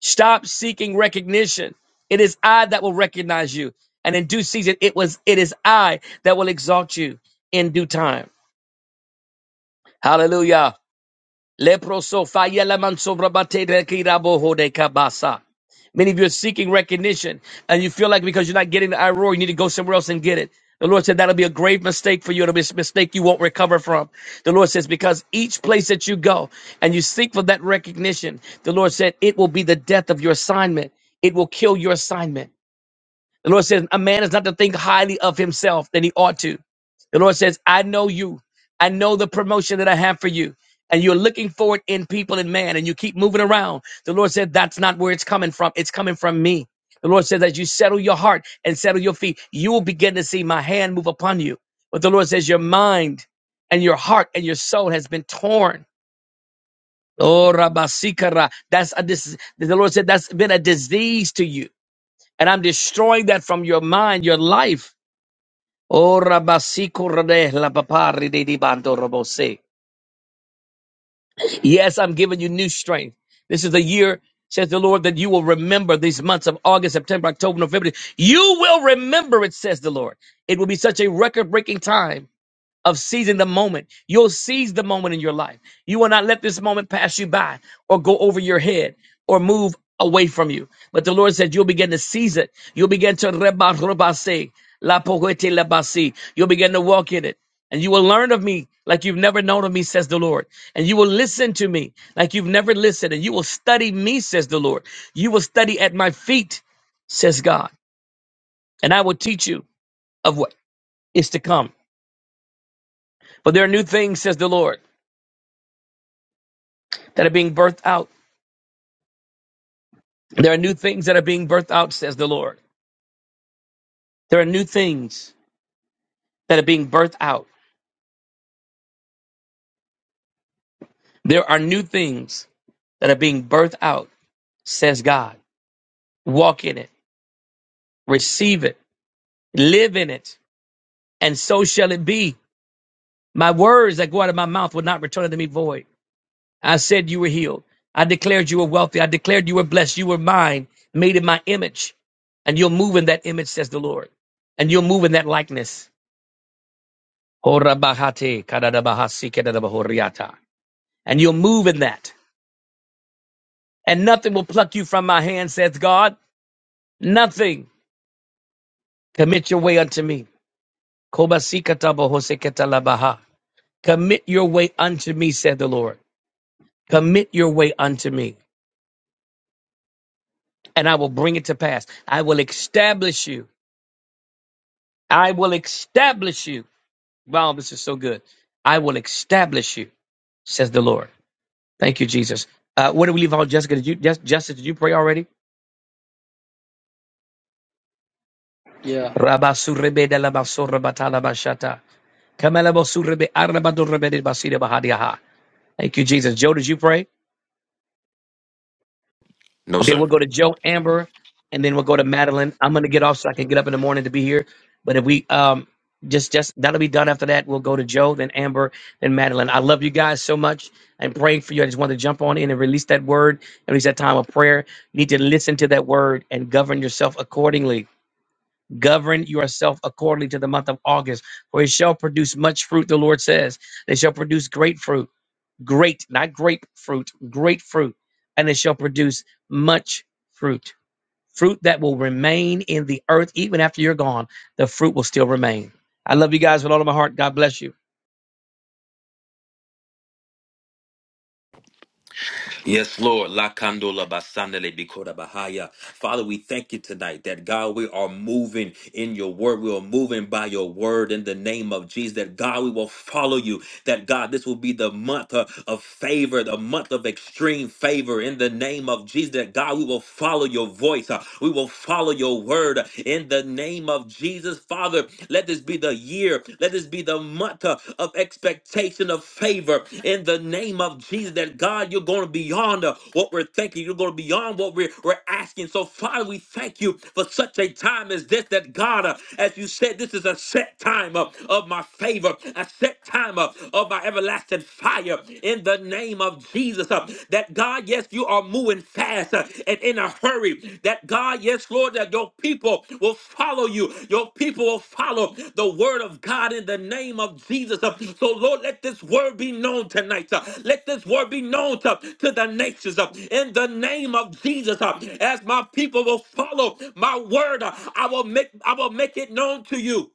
Stop seeking recognition. It is I that will recognize you. And in due season, it was it is I that will exalt you in due time. Hallelujah. Leproso fayelaman sobrabate rekirabo hode kabasa. Many of you are seeking recognition, and you feel like because you're not getting the IRO, you need to go somewhere else and get it. The Lord said that'll be a grave mistake for you. It'll be a mistake you won't recover from. The Lord says, because each place that you go and you seek for that recognition, the Lord said it will be the death of your assignment. It will kill your assignment. The Lord says, A man is not to think highly of himself than he ought to. The Lord says, I know you. I know the promotion that I have for you. And you're looking for it in people and man, and you keep moving around. The Lord said, That's not where it's coming from. It's coming from me. The Lord says, As you settle your heart and settle your feet, you will begin to see my hand move upon you. But the Lord says, Your mind and your heart and your soul has been torn. Oh, Rabasikara. That's a dis- the Lord said, That's been a disease to you and I'm destroying that from your mind, your life. Oh, Rabasiko Rade, Labapari de di Bando Robose. Yes, I'm giving you new strength. This is the year, says the Lord, that you will remember these months of August, September, October, November. You will remember it, says the Lord. It will be such a record breaking time of seizing the moment. You'll seize the moment in your life. You will not let this moment pass you by or go over your head or move away from you. But the Lord said, You'll begin to seize it. You'll begin to reba rebase, la poete lebasi. You'll begin to walk in it. And you will learn of me like you've never known of me, says the Lord. And you will listen to me like you've never listened. And you will study me, says the Lord. You will study at my feet, says God. And I will teach you of what is to come. For there are new things, says the Lord. that are being birthed out. There are new things that are being birthed out, says the Lord. There are new things that are being birthed out. There are new things that are being birthed out, says God. Walk in it, receive it, live in it, and so shall it be. My words that go out of my mouth will not return unto me void. I said you were healed. I declared you were wealthy. I declared you were blessed. You were mine, made in my image. And you'll move in that image, says the Lord. And you'll move in that likeness Horabahate kadadabahasi kadadabahoriata. And you'll move in that. And nothing will pluck you from my hand, says God. Nothing. Commit your way unto me. Kobasikatabahoseketalabaha. Commit your way unto me, said the Lord. Commit your way unto me, and I will bring it to pass. I will establish you. I will establish you. Wow, this is so good. I will establish you, says the Lord. Thank you, Jesus. Uh, where do we leave off, Jessica? Did you, Jess, Jessica, did you pray already?
Yeah.
Rabasurebe de la basura batala bashata. Kamalabosurebe arabadurebe de basira bahadiaha. Thank you, Jesus. Joe, did you pray?
No,
Okay,
sir.
we'll go to Joe, Amber, and then we'll go to Madeline. I'm gonna get off so I can get up in the morning to be here. But if we um just just that'll be done after that. We'll go to Joe, then Amber, then Madeline. I love you guys so much and praying for you. I just wanted to jump on in and release that word and release that time of prayer. You need to listen to that word and govern yourself accordingly Govern yourself accordingly to the month of August, for it shall produce much fruit, the Lord says. They shall produce great fruit, great, not grapefruit, great fruit, and they shall produce much fruit. Fruit that will remain in the earth even after you're gone. The fruit will still remain. I love you guys with all of my heart. God bless you.
Yes, Lord. La candola basandele bikora bahaya. Father, we thank you tonight that God, we are moving in your word. We are moving by your word in the name of Jesus. That God, we will follow you. That God, this will be the month uh, of favor, the month of extreme favor in the name of Jesus. That God, we will follow your voice. Uh, We will follow your word uh, in the name of Jesus. Father, year. Let this be the year. Let this be the month uh, of expectation of favor in the name of Jesus. That God, you're going to beyond uh, what we're thinking. You're going to beyond what we're, we're asking. So, Father, we thank you for such a time as this. That God, uh, as you said, this is a set time uh, of my favor, a set time uh, of my everlasting fire in the name of Jesus. uh, that God, God, yes, you are moving fast uh, and in a hurry. That God, yes, Lord, that your people will follow you. Your people will follow the word of God in the name of Jesus. Uh, So, Lord, let this word be known tonight. uh, Let this word be known to, to the nations uh, in the name of Jesus. uh, As my people will follow my word, uh, I will make I will make it known to you.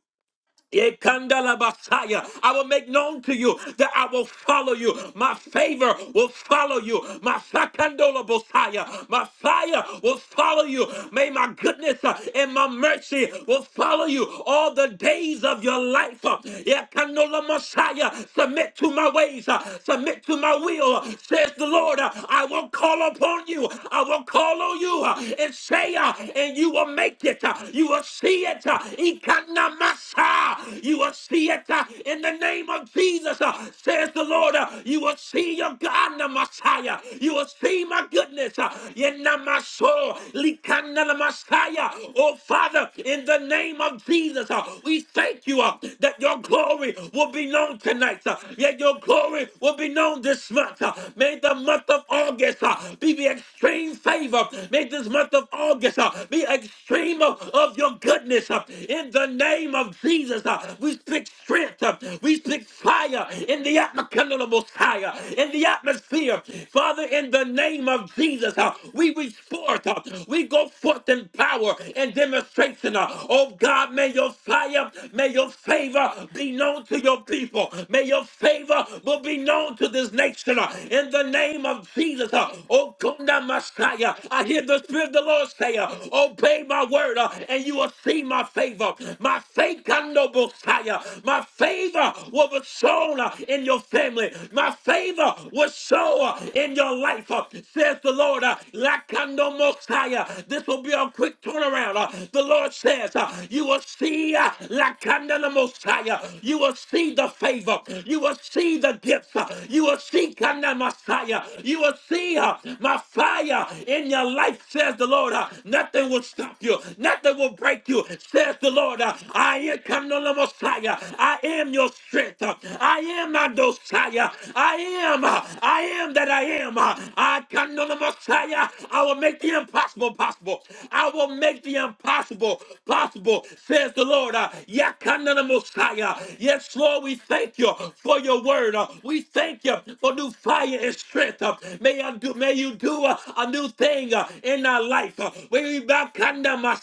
Ekandalabasaya. I will make known to you that I will follow you. My favor will follow you. My sakandolabosaya. my fire will follow you. May my goodness uh, and my mercy will follow you all the days of your life. Uh, Ekandolamasaya. Submit to my ways. uh, Submit to my will, uh, says the Lord. Uh, I will call upon you. I will call on you uh, and say, uh, and you will make it. Uh, You will see it. Uh, Ekanamasaya. Ah, You will see it uh, in the name of Jesus, uh, says the Lord. Uh, You will see your God, the Messiah. You will see my goodness. uh, in my soul. Likana the Messiah. Oh, Father, in the name of Jesus, uh, we thank you uh, that your glory will be known tonight. uh, Yet your glory will be known this month. uh. May the month of August uh, be the extreme favor. May this month of August uh, be extreme of, of your goodness. uh, In the name of of Jesus, uh, we speak strength, uh, we speak fire in the atmosphere, Messiah, in the atmosphere. Father, in the name of Jesus, uh, we reach forth, uh, we go forth in power and demonstration. uh, oh God, may your fire, may your favor be known to your people. May your favor will be known to this nation. uh, in the name of Jesus, uh, oh Kunda Messiah, I hear the Spirit of the Lord say, uh, obey my word uh, and you will see my favor. My Masekando Bosaya. My favor will be sown uh, in your family. My favor will show uh, in your life, uh, says the Lord. uh, Lakando Mosaya. This will be a quick turnaround. uh, The Lord says, uh, You will see uh, Lakanda the Mosiah. You will see the favor. You will see the gifts. uh, You will see Kanda Messiah. You will see uh, my fire in your life, says the Lord. uh, Nothing will stop you. Nothing will break you, says the Lord. uh, God. I am the Messiah. I am your strength. I am Adosaya. I am. I am that I am. I can know the Messiah. I will make the impossible possible. I will make the impossible possible, says the Lord. Ya Kandala Messiah. Yes, Lord, we thank you for your word. Uh, We thank you for new fire and strength. Uh, May I do may you do a, a new thing uh, in our life. Uh, May we back under my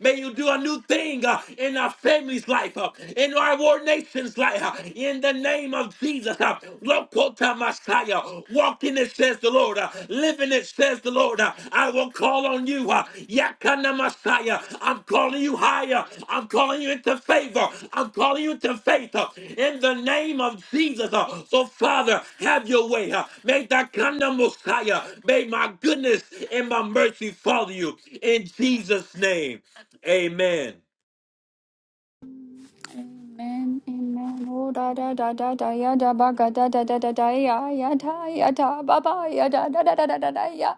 May you do a new thing thing uh, in our family's life, uh, in our world nation's life, uh, in the name of Jesus. Uh, Lokota Messiah, walking it says the Lord, uh, living it says the Lord. uh, I will call on you, uh, Yakana Messiah. I'm calling you higher. I'm calling you into favor. I'm calling you into faith uh, in the name of Jesus. uh. So, Father, have your way. uh. May that Kana Messiah, may my goodness and my mercy follow you in Jesus' name. Amen.
Amen, amen. Oh, da da da da da ya da ba ga da da da da da ya ya da ya da ba ba ya da da da da da da da ya.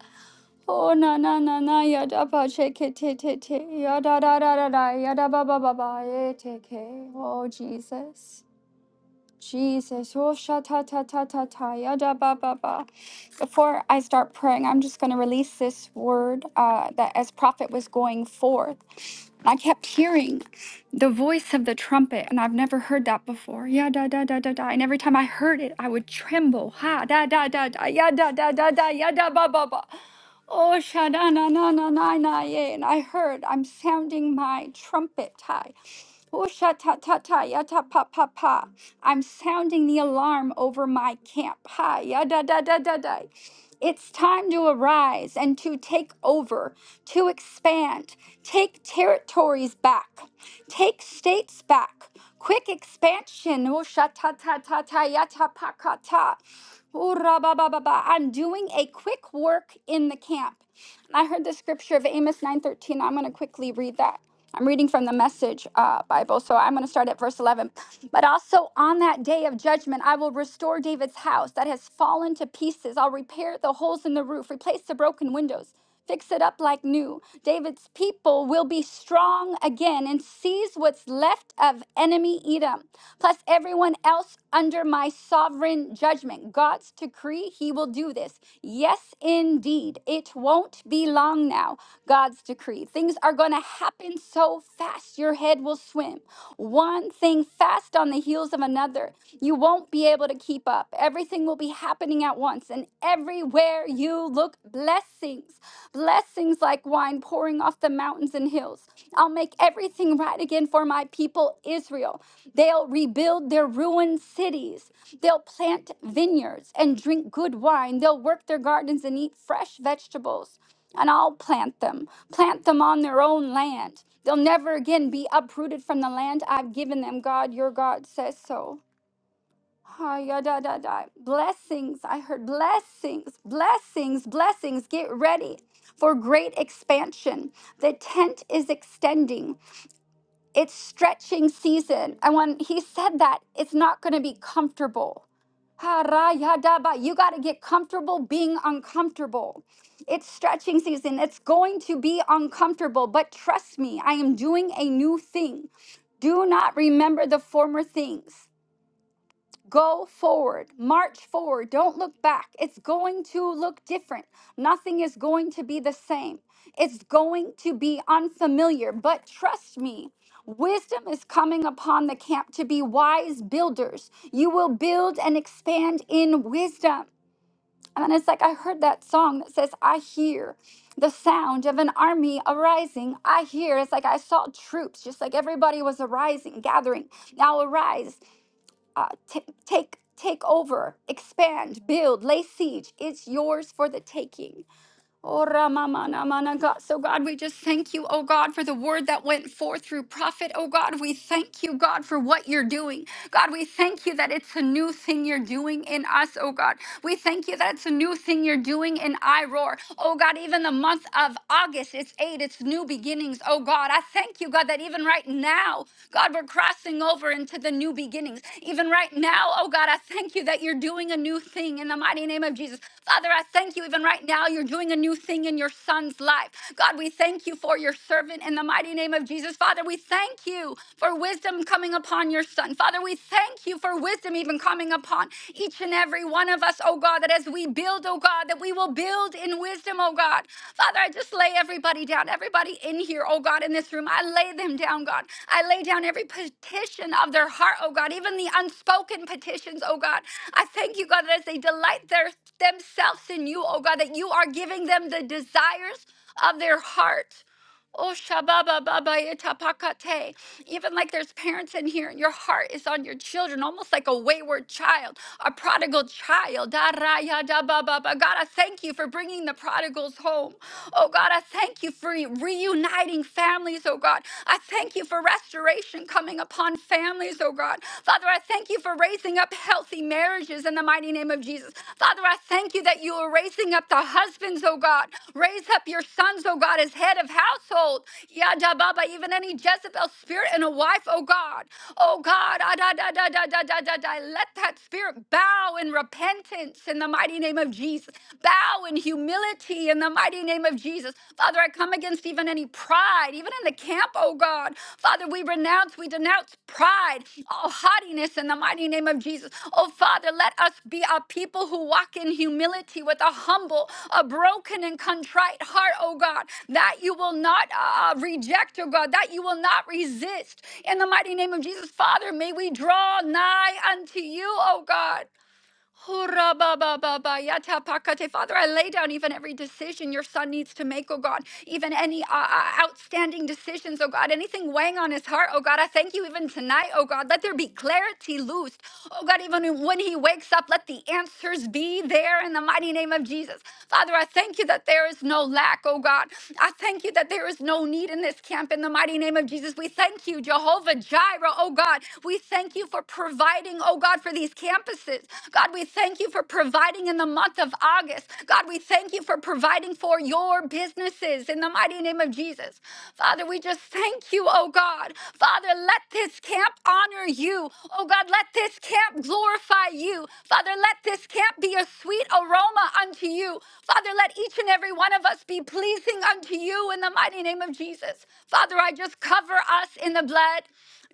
Oh, na na na na ya da ba che it te te te ya da da da da da ya da ba ba ba ba ye te ke. Oh, Jesus. Jesus, oh sha ta ta ta ta ta ya da ba ba ba. Before I start praying, I'm just going to release this word uh, that as prophet was going forth. I kept hearing the voice of the trumpet, and I've never heard that before. Yeah, da, da, da, da, da. And every time I heard it, I would tremble. Ha, da, da, da, da, ya, da, da, da, da, ya, da, ba, ba, ba. Oh, sha, da, na, na, na, na, na, yea. And I heard, I'm sounding my trumpet. Hi. Oh, sha, ta, ta, ta, ya, ta, pa, pa, pa. I'm sounding the alarm over my camp. Ha, ya, da, da, da, da, da. It's time to arise and to take over, to expand, take territories back, take states back. Quick expansion. Oh, sha ta ta ta ta ya ta pa ka ta. Oh, ra ba ba ba ba. I'm doing a quick work in the camp. And I heard the scripture of Amos 9:13. I'm going to quickly read that. I'm reading from the Message uh, Bible, so I'm going to start at verse 11. But also on that day of judgment, I will restore David's house that has fallen to pieces. I'll repair the holes in the roof, replace the broken windows, fix it up like new. David's people will be strong again and seize what's left of enemy Edom, plus everyone else under my sovereign judgment. God's decree, He will do this. Yes, indeed. It won't be long now, God's decree. Things are going to happen so fast, your head will swim. One thing fast on the heels of another. You won't be able to keep up. Everything will be happening at once, and everywhere you look, blessings blessings like wine pouring off the mountains and hills. I'll make everything right again for my people, Israel. They'll rebuild their ruined cities. They'll plant vineyards and drink good wine. They'll work their gardens and eat fresh vegetables. And I'll plant them, plant them on their own land. They'll never again be uprooted from the land I've given them. God, your God says so. Ah, ya, da, da, da. Blessings. I heard blessings, blessings, blessings. Get ready for great expansion. The tent is extending. It's stretching season. And when he said that, it's not going to be comfortable. Ha, ra, ya, da, ba. You got to get comfortable being uncomfortable. It's stretching season. It's going to be uncomfortable, but trust me, I am doing a new thing. Do not remember the former things. Go forward, march forward, don't look back. It's going to look different. Nothing is going to be the same. It's going to be unfamiliar, but trust me, wisdom is coming upon the camp to be wise builders. You will build and expand in wisdom. And it's like I heard that song that says, I hear the sound of an army arising. I hear. It's like I saw troops, just like everybody was arising, gathering. Now arise uh, t- take take over, expand, build, lay siege. It's yours for the taking. Oh, Rama, mana, mana, God. So, God, we just thank you, oh God, for the word that went forth through prophet. Oh, God, we thank you, God, for what you're doing. God, we thank you that it's a new thing you're doing in us, oh God. We thank you that it's a new thing you're doing in iRoar. Oh, God, even the month of August, it's eight, it's new beginnings, oh God. I thank you, God, that even right now, God, we're crossing over into the new beginnings. Even right now, oh God, I thank you that you're doing a new thing in the mighty name of Jesus. Father, I thank you even right now. You're doing a new thing in your son's life. God, we thank you for your servant in the mighty name of Jesus. Father, we thank you for wisdom coming upon your son. Father, we thank you for wisdom even coming upon each and every one of us, oh God, that as we build, oh God, that we will build in wisdom, oh God. God. Father, I just lay everybody down, everybody in here, oh God, in this room. I lay them down, God. I lay down every petition of their heart, oh God, even the unspoken petitions, oh God. I thank you, God, that as they delight their, themselves in you, oh God, that you are giving them the desires of their heart. Oh, shababa baba etapakate. Even like there's parents in here, and your heart is on your children, almost like a wayward child, a prodigal child. Da raya da ba ba ba. God, I thank you for bringing the prodigals home. Oh, God, I thank you for reuniting families, oh God. I thank you for restoration coming upon families, oh God. Father, I thank you for raising up healthy marriages marriages in the mighty name of Jesus. Father, I thank you that you are raising up the husbands, oh God. Raise up your sons, oh God, as head of household. Yada Baba, even any Jezebel spirit in a wife, oh God. Oh God, ah, da, da, da, da, da, da, da, da. let that spirit bow in repentance in the mighty name of Jesus. Bow in humility in the mighty name of Jesus. Father, I come against even any pride, even in the camp, oh God. Father, we renounce, we denounce pride, all haughtiness in the mighty name of Jesus. Oh Father, let us be a people who walk in humility with a humble, a broken and contrite heart, oh God, that you will not uh, uh, reject, oh God, that you will not resist. In the mighty name of Jesus, Father, may we draw nigh unto you, oh God. Hurrah, ba, ba, ba, ba, yata, pakate. Father, I lay down even every decision your son needs to make, oh God, even any uh, uh, outstanding decisions, oh God, anything weighing on his heart, oh God. I thank you even tonight, oh God. Let there be clarity loosed, oh God, even when he wakes up, let the answers be there in the mighty name of Jesus. Father, I thank you that there is no lack, oh God. I thank you that there is no need in this camp in the mighty name of Jesus. We thank you, Jehovah Jireh, oh God. We thank you for you for providing, oh God, for these campuses. God, we thank you for providing in the month of August. God, we thank you for providing for your businesses in the mighty name of Jesus. Father, we just thank you, oh God. Father, let this camp honor you. Oh God, let this camp glorify you. Father, let this camp be a sweet aroma unto you. Father, let each and every one of us be pleasing unto you in the mighty name of Jesus. Father, I just cover us us in the blood.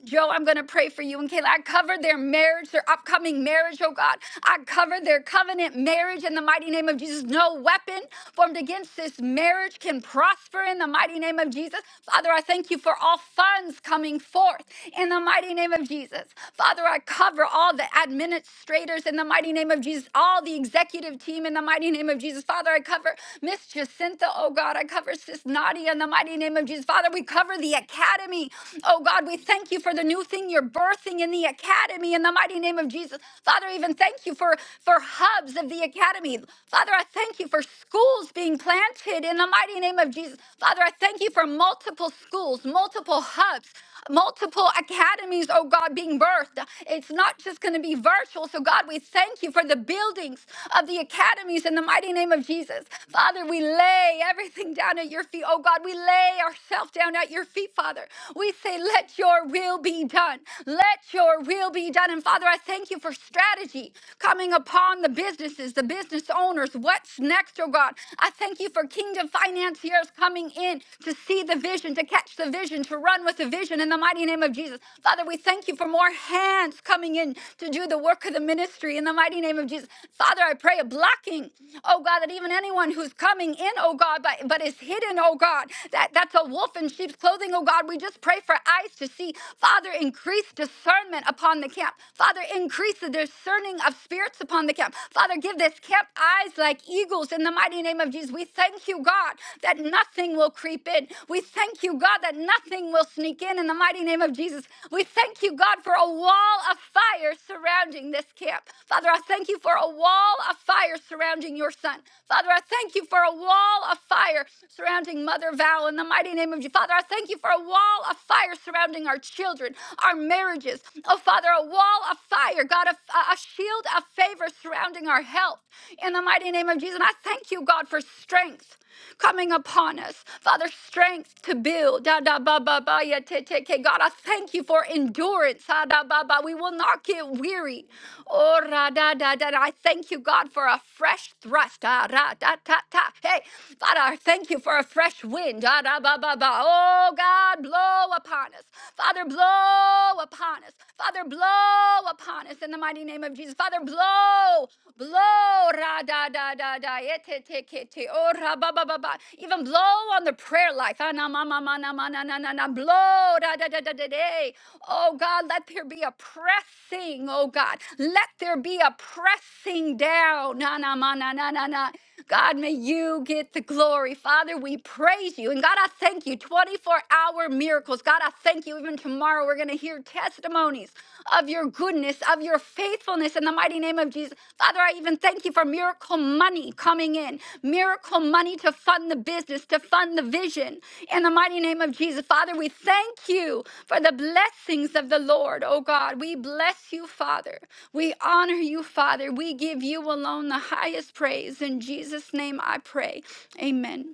Joe, I'm going to pray for you and Kayla. I cover their marriage, their upcoming marriage, oh God. I cover their covenant marriage in the mighty name of Jesus. No weapon formed against this marriage can prosper in the mighty name of Jesus. Father, I thank you for all funds coming forth in the mighty name of Jesus. Father, I cover all the administrators in the mighty name of Jesus, all the executive team in the mighty name of Jesus. Father, I cover Miss Jacinta, oh God. I cover Sis Nadia. Nadia in the mighty name of Jesus. Father, we cover the academy. Oh God, we thank you for the new thing you're birthing in the academy in the mighty name of Jesus. Father, even thank you for, for hubs of the academy. Father, I thank you for schools being planted in the mighty name of Jesus. Father, I thank you for multiple schools, multiple hubs multiple academies, oh God, being birthed. It's not just going to be virtual. So, God, we thank you for the buildings of the academies in the mighty name of Jesus. Father, we lay everything down at your feet. Oh God, we lay ourselves down at your feet, Father. We say, let your will be done. Let your will be done. And Father, I thank you for strategy coming upon the businesses, the business owners. What's next, oh God? I thank you for kingdom financiers coming in to see the vision, to catch the vision vision, to run with the vision in the mighty name of Jesus. Father, we thank you for more hands coming in to do the work of the ministry in the mighty name of Jesus. Father, I pray a blocking, oh God, that even anyone who's coming in, oh God, but, but is hidden, oh God, that, that's a wolf in sheep's clothing, oh God. We just pray for eyes to see. Father, increase discernment upon the camp. Father, increase the discerning of spirits upon the camp. Father, give this camp eyes like eagles in the mighty name of Jesus. We thank you, God, that nothing will creep in. We thank you, God, that nothing will sneak in in the mighty name of Jesus. We thank you, God, for a wall of fire surrounding this camp. Father, I thank you for a wall of fire surrounding your son. Father, I thank you for a wall of fire surrounding Mother Val in the mighty name of Jesus. Father, I thank you for a wall of fire surrounding our children, our marriages. Oh, Father, a wall of fire, God, a, a shield of favor surrounding our health in the mighty name of Jesus. And I thank you, God, for strength coming upon us. Father, strength to build. Da da ba ba ba ya te te ke. God, I thank you for endurance. Ah, da ba ba. We will not get weary. Oh ra da da da. I thank you, God, for a fresh thrust. Ah, ra da ta ta. Hey, Father, I thank you for a fresh wind. Da da ba ba ba. Oh God, blow upon us. Father, blow upon us. Father, blow upon us in the mighty name of Jesus. Father, blow, blow. Ra da da da da. Te te te. ke te oh, ra, ba, ba, ba. Even blow on the prayer life. Ah, na, ma, ma, ma, na, ma, na, na, na, na. Blow, da, da, da, da, da, da. Oh God, let there be a pressing, oh God. Let there be a pressing down. Na, na, ma, na, na, na, na. God, may you get the glory. Father, we praise you. And God, I thank you. 24 hour miracles. God, I thank you. Even tomorrow, we're going to hear testimonies of your goodness, of your faithfulness in the mighty name of Jesus. Father, I even thank you for miracle money coming in miracle money to fund the business, to fund the vision. In the mighty name of Jesus, Father, we thank you for the blessings of the Lord, oh God. We bless you, Father. We honor you, Father. We give you alone the highest praise. In Jesus' name I pray. Amen.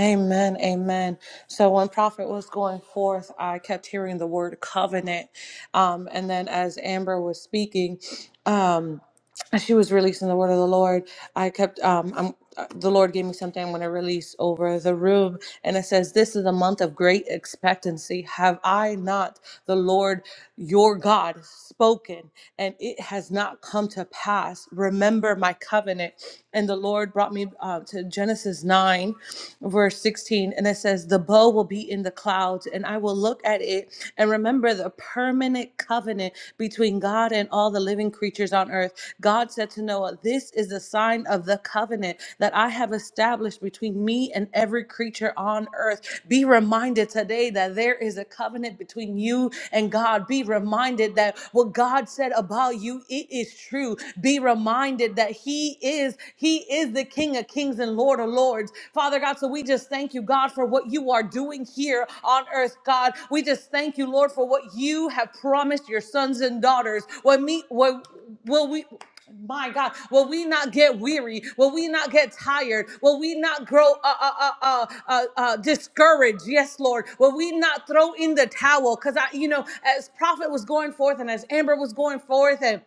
Amen. Amen. So when prophet was going forth, I kept hearing the word covenant. Um, and then as Amber was speaking, um, as she was releasing the word of the Lord, I kept um I'm uh, the Lord gave me something I'm going to release over the room. And it says, This is a month of great expectancy. Have I not, the Lord your God, spoken, and it has not come to pass? Remember my covenant. And the Lord brought me uh, to Genesis 9, verse 16. And it says, The bow will be in the clouds, and I will look at it and remember the permanent covenant between God and all the living creatures on earth. God said to Noah, This is a sign of the covenant that I have established between me and every creature on earth. Be reminded today that there is a covenant between you and God. Be reminded that what God said about you, it is true. Be reminded that He is, He is the King of Kings and Lord of Lords. Lords. Father God, so we just thank you, God, for what you are doing here on earth, God. We just thank you, Lord, for what you have promised your sons and daughters. When me, when, will we? My God, will we not get weary? Will we not get tired? Will we not grow uh, uh, uh, uh, uh, uh, discouraged? Yes, Lord. Will we not throw in the towel? Because I, you know, as prophet was going forth and as Amber was going forth and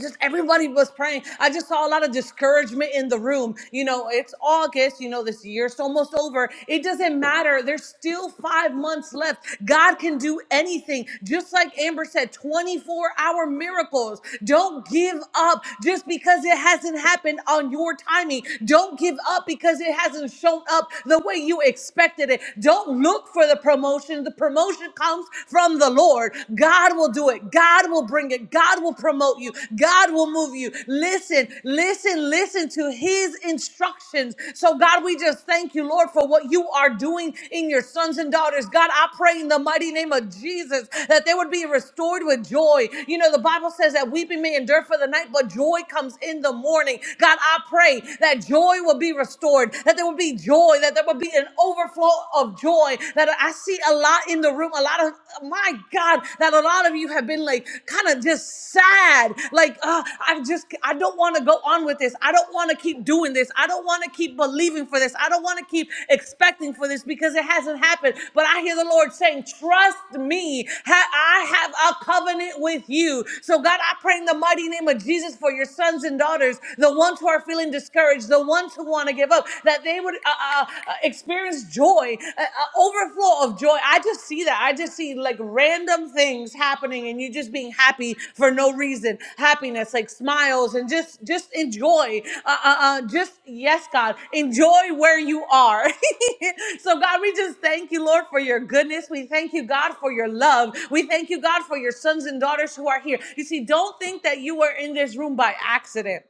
just everybody was praying. I just saw a lot of discouragement in the room. You know, it's August, you know, this year's almost over. It doesn't matter. There's still five months left. God can do anything. Just like Amber said, 24 hour miracles. Don't give up just because it hasn't happened on your timing. Don't give up because it hasn't shown up the way you expected it. Don't look for the promotion. The promotion comes from the Lord. God will do it. God will bring it. God will promote you. God will move you. Listen, listen, listen to his instructions. So, God, we just thank you, Lord, for what you are doing in your sons and daughters. God, I pray in the mighty name of Jesus that they would be restored with joy. You know, the Bible says that weeping may endure for the night, but joy comes in the morning. God, I pray that joy will be restored, that there will be joy, that there will be an overflow of joy, that I see a lot in the room, a lot of, my God, that a lot of you have been like kind of just sad. Like, uh, I just, I don't want to go on with this. I don't want to keep doing this. I don't want to keep believing for this. I don't want to keep expecting for this because it hasn't happened. But I hear the Lord saying, trust me. Ha- I have a covenant with you. So God, I pray in the mighty name of Jesus for your sons and daughters, the ones who are feeling discouraged, the ones who want to give up, That that they would uh, uh, uh, experience joy, uh, uh, overflow of joy. I just see that. I just see like random things happening and you just being happy for no reason. Happiness, like smiles and just just enjoy. Uh, uh, uh, just, yes, God, enjoy where you are. so, God, we just thank you, Lord, for your goodness. We thank you, God, for your love. We thank you, God, for your sons and daughters who are here. You see, don't think that you were in this room by accident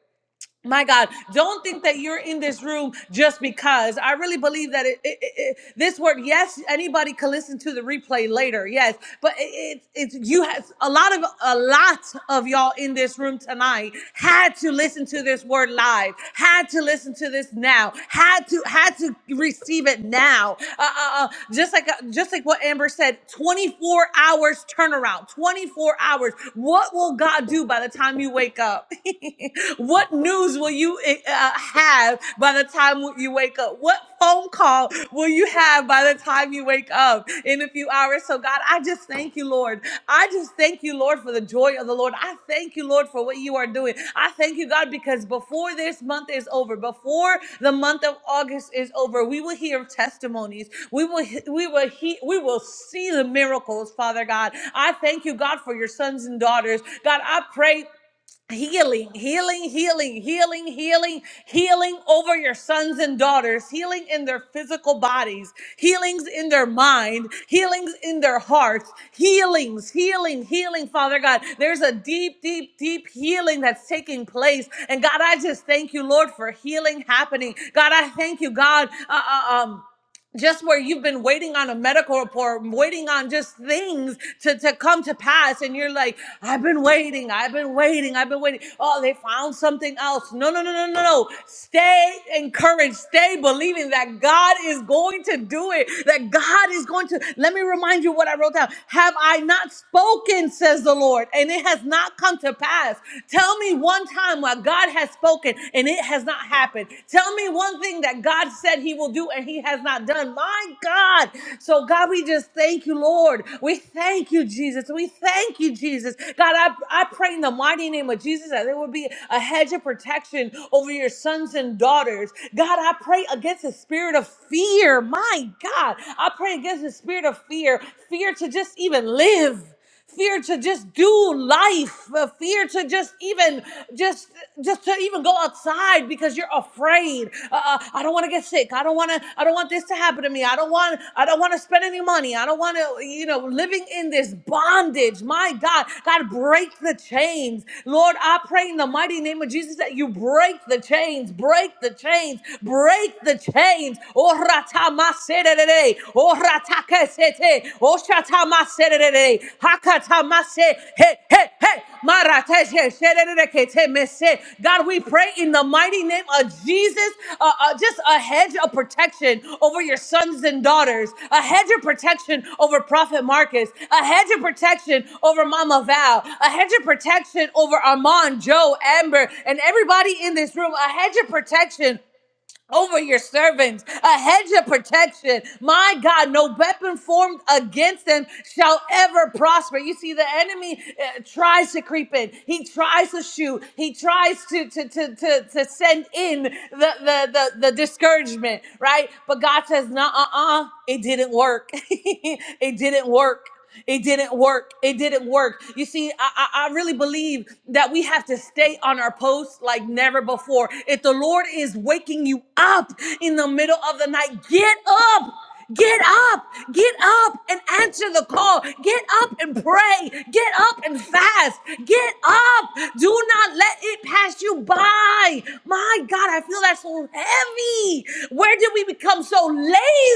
my God, don't think that you're in this room just because. I really believe that it, it, it, it- this word, yes, anybody can listen to the replay later, yes, but it, it, it's you has a lot of a lot of y'all in this room tonight had to listen to this word live, had to listen to this now, had to had to receive it now. Uh, uh, uh, just like uh, just like what Amber said, 24 hours turnaround, 24 hours. What will God do by the time you wake up? what news will you eh, uh, have by the time you wake up? What phone call will you have by the time you wake up in a few hours? So, God, I just thank you, Lord. I just thank you, Lord, for the joy of the Lord. I thank you, Lord, for what you are doing. I thank you, God, because before this month is over, before the month of August is over, we will hear testimonies. We will we will he, we will see the miracles, Father God. I thank you, God, for your sons and daughters. God, I pray healing, healing, healing, healing, healing, healing over your sons and daughters, healing in their physical bodies, healings in their mind, healings in their hearts, healings, healing, healing, Father God. There's a deep, deep, deep healing that's taking place. And God, I just thank you, Lord, for healing happening. God, I thank you, God. Uh, uh, um, just where you've been waiting on a medical report, waiting on just things to, to come to pass, and you're like, I've been waiting, I've been waiting, I've been waiting. Oh, they found something else. No, no, no, no, no, no. Stay encouraged, stay believing that God is going to do it, that God is going to. Let me remind you what I wrote down. Have I not spoken, says the Lord, and it has not come to pass? Tell me one time why God has spoken and it has not happened. Tell me one thing that God said He will do and He has not done. My God. So, God, we just thank you, Lord. We thank you, Jesus. We thank you, Jesus. God, I, I pray in the mighty name of Jesus that there would be a hedge of protection over your sons and daughters. God, I pray against the spirit of fear. My God, I pray against the spirit of fear, fear to just even live fear to just do life uh, fear to just even just just to even go outside because you're afraid uh, uh, i don't want to get sick i don't want to i don't want this to happen to me i don't want i don't want to spend any money i don't want to you know living in this bondage my god god break the chains lord i pray in the mighty name of jesus that you break the chains break the chains break the chains Oh, ratamasere, O rataka sete. O shatama serere. Hakatama se. Hey, hey, hey. Marateshe serere kete mese. God, we pray in the mighty name of Jesus, uh, uh, just a hedge of protection over your sons and daughters, a hedge of protection over Prophet Marcus, a hedge of protection over Mama Val, a hedge of protection over Armand, Joe, Amber, and everybody in this room, a hedge of protection over your servants, a hedge of protection. My God, no weapon formed against them shall ever prosper. You see, the enemy uh, tries to creep in, he tries to shoot, he tries to, to, to, to, to send in the, the, the, the discouragement, right? But God says, nah, uh uh, it didn't work. it didn't work. It didn't work. It didn't work. You see, I, I, I really believe that we have to stay on our post like never before. If the Lord is waking you up in the middle of the night, get up. Get up, get up and answer the call. Get up and pray. Get up and fast. Get up. Do not let it pass you by. My God, I feel that so heavy. Where did we become so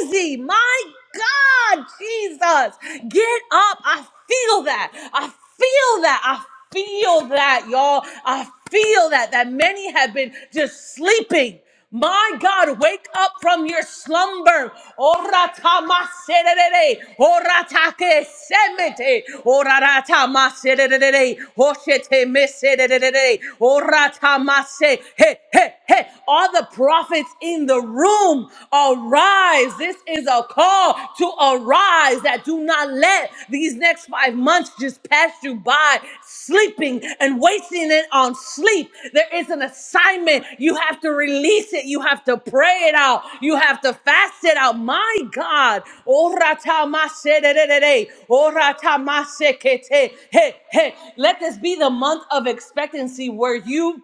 lazy? My God, Jesus, get up. I feel that. I feel that. I feel that, y'all. I feel that. That many have been just sleeping. My God, wake up from your slumber. Orata maserere, orata ke semete, orata maserere, hoshete meserere, orata mase. Hey, hey, hey. All the prophets in the room. Arise. This is a call to arise that do not let these next five months just pass you by sleeping and wasting it on sleep. There is an assignment. You have to release it. You have to pray it out. You have to fast it out. My God. Ora ta ma se de de de de. Ora ta ma se ke te. Hey, hey. Let this be the month of expectancy where you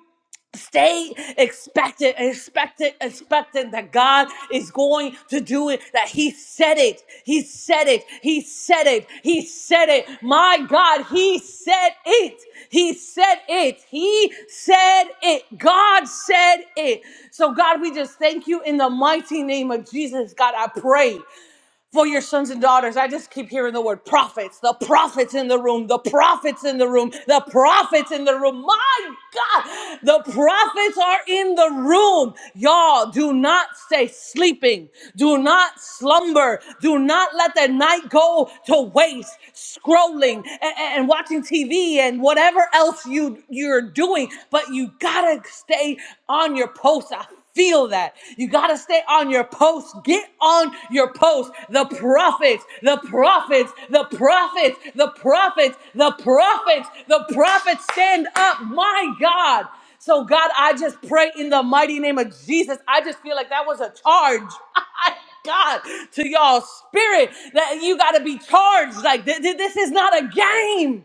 Stay expectant, expectant, expectant that God is going to do it, that He said it. He said it. He said it. He said it. My God, He said it. He said it. He said it. God said it. So, God, we just thank you in the mighty name of Jesus. God, I pray for your sons and daughters. I just keep hearing the word prophets, the prophets in the room, the prophets in the room, the prophets in the room. My God, the prophets are in the room. Y'all, do not stay sleeping. Do not slumber. Do not let the night go to waste scrolling a- and, watching TV and whatever else you, you're doing, but you gotta stay on your post feel that. You got to stay on your post. Get on your post. The prophets, the prophets, the prophets, the prophets, the prophets, the prophets stand up. My God. So, God, I just pray in the mighty name of Jesus. I just feel like that was a charge. God, to y'all spirit that you got to be charged. Like, th- th- this is not a game.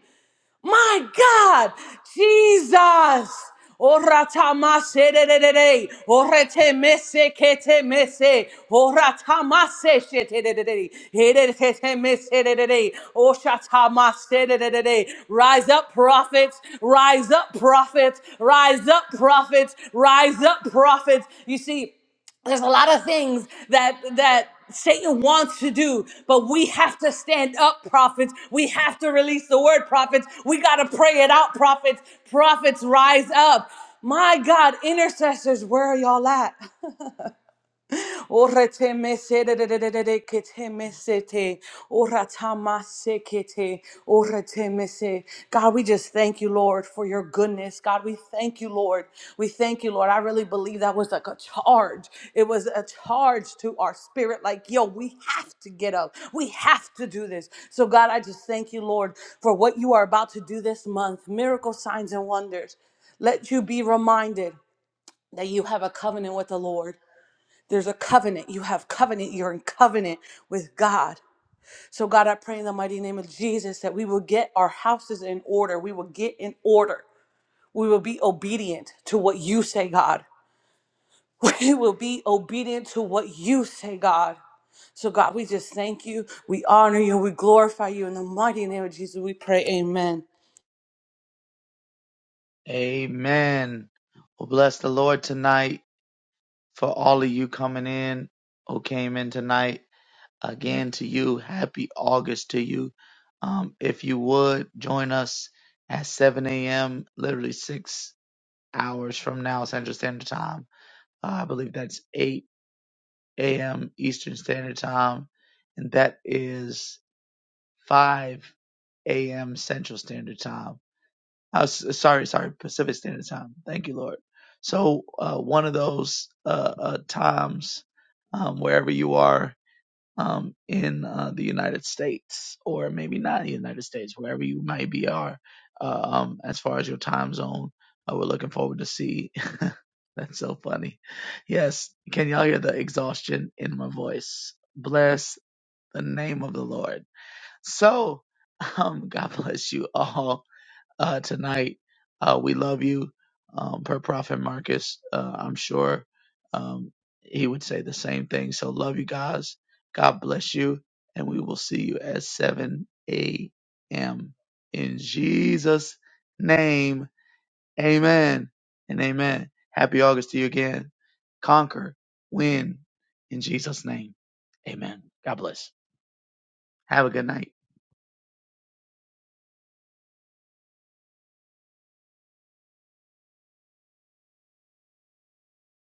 My God, Jesus. Oratamaserere, oretemese ketemese, oratamase sheterere, eretetemeserere, oşatamaserere. Rise up, prophets, rise up, prophets, rise up, prophets, rise up, prophets. You see, there's a lot of things that that Satan wants to do, but we have to stand up, prophets. We have to release the word, prophets. We got to pray it out, prophets. Prophets, rise up. My God, intercessors, where are y'all at? Orete mesete de de de de de kete mesete. Orata masekete. Orete mese. God, we just thank you, Lord, for your goodness. God, we thank you, Lord. We thank you, Lord. I really believe that was like a charge. It was a charge to our spirit, like, yo, we have to get up. We have to do this. So, God, I just thank you, Lord, for what you are about to do this month miracle signs and wonders. Let you be reminded that you have a covenant with the Lord. There's a covenant. You have covenant. You're in covenant with God. So, God, I pray in the mighty name of Jesus that we will get our houses in order. We will get in order. We will be obedient to what you say, God. We will be obedient to what you say, God. So, God, we just thank you. We honor you. We glorify you. In the mighty name of Jesus, we pray. Amen.
Amen. Well, bless the Lord tonight for all of you coming in who came in tonight. Again, to you, happy August to you. Um, if you would join us at 7 a.m., literally six hours from now, Central Standard Time. Uh, I believe that's 8 a.m. Eastern Standard Time. And that is 5 a.m. Central Standard Time. I was, sorry, sorry, Pacific Standard Time. Thank you, Lord. So uh, one of those uh, uh, times, um, wherever you are um, in uh, the United States, or maybe not the United States, wherever you might be are, uh, um, as far as your time zone, uh, we're looking forward to see. That's so funny. Yes, can y'all hear the exhaustion in my voice? Bless the name of the Lord. So, um, God bless you all uh, tonight. Uh, we love you. Um, per Prophet Marcus, uh, I'm sure um, he would say the same thing. So, love you guys. God bless you. And we will see you at 7 a.m. In Jesus' name, amen and amen. Happy August to you again. Conquer, win in Jesus' name. Amen. God bless. Have a good night.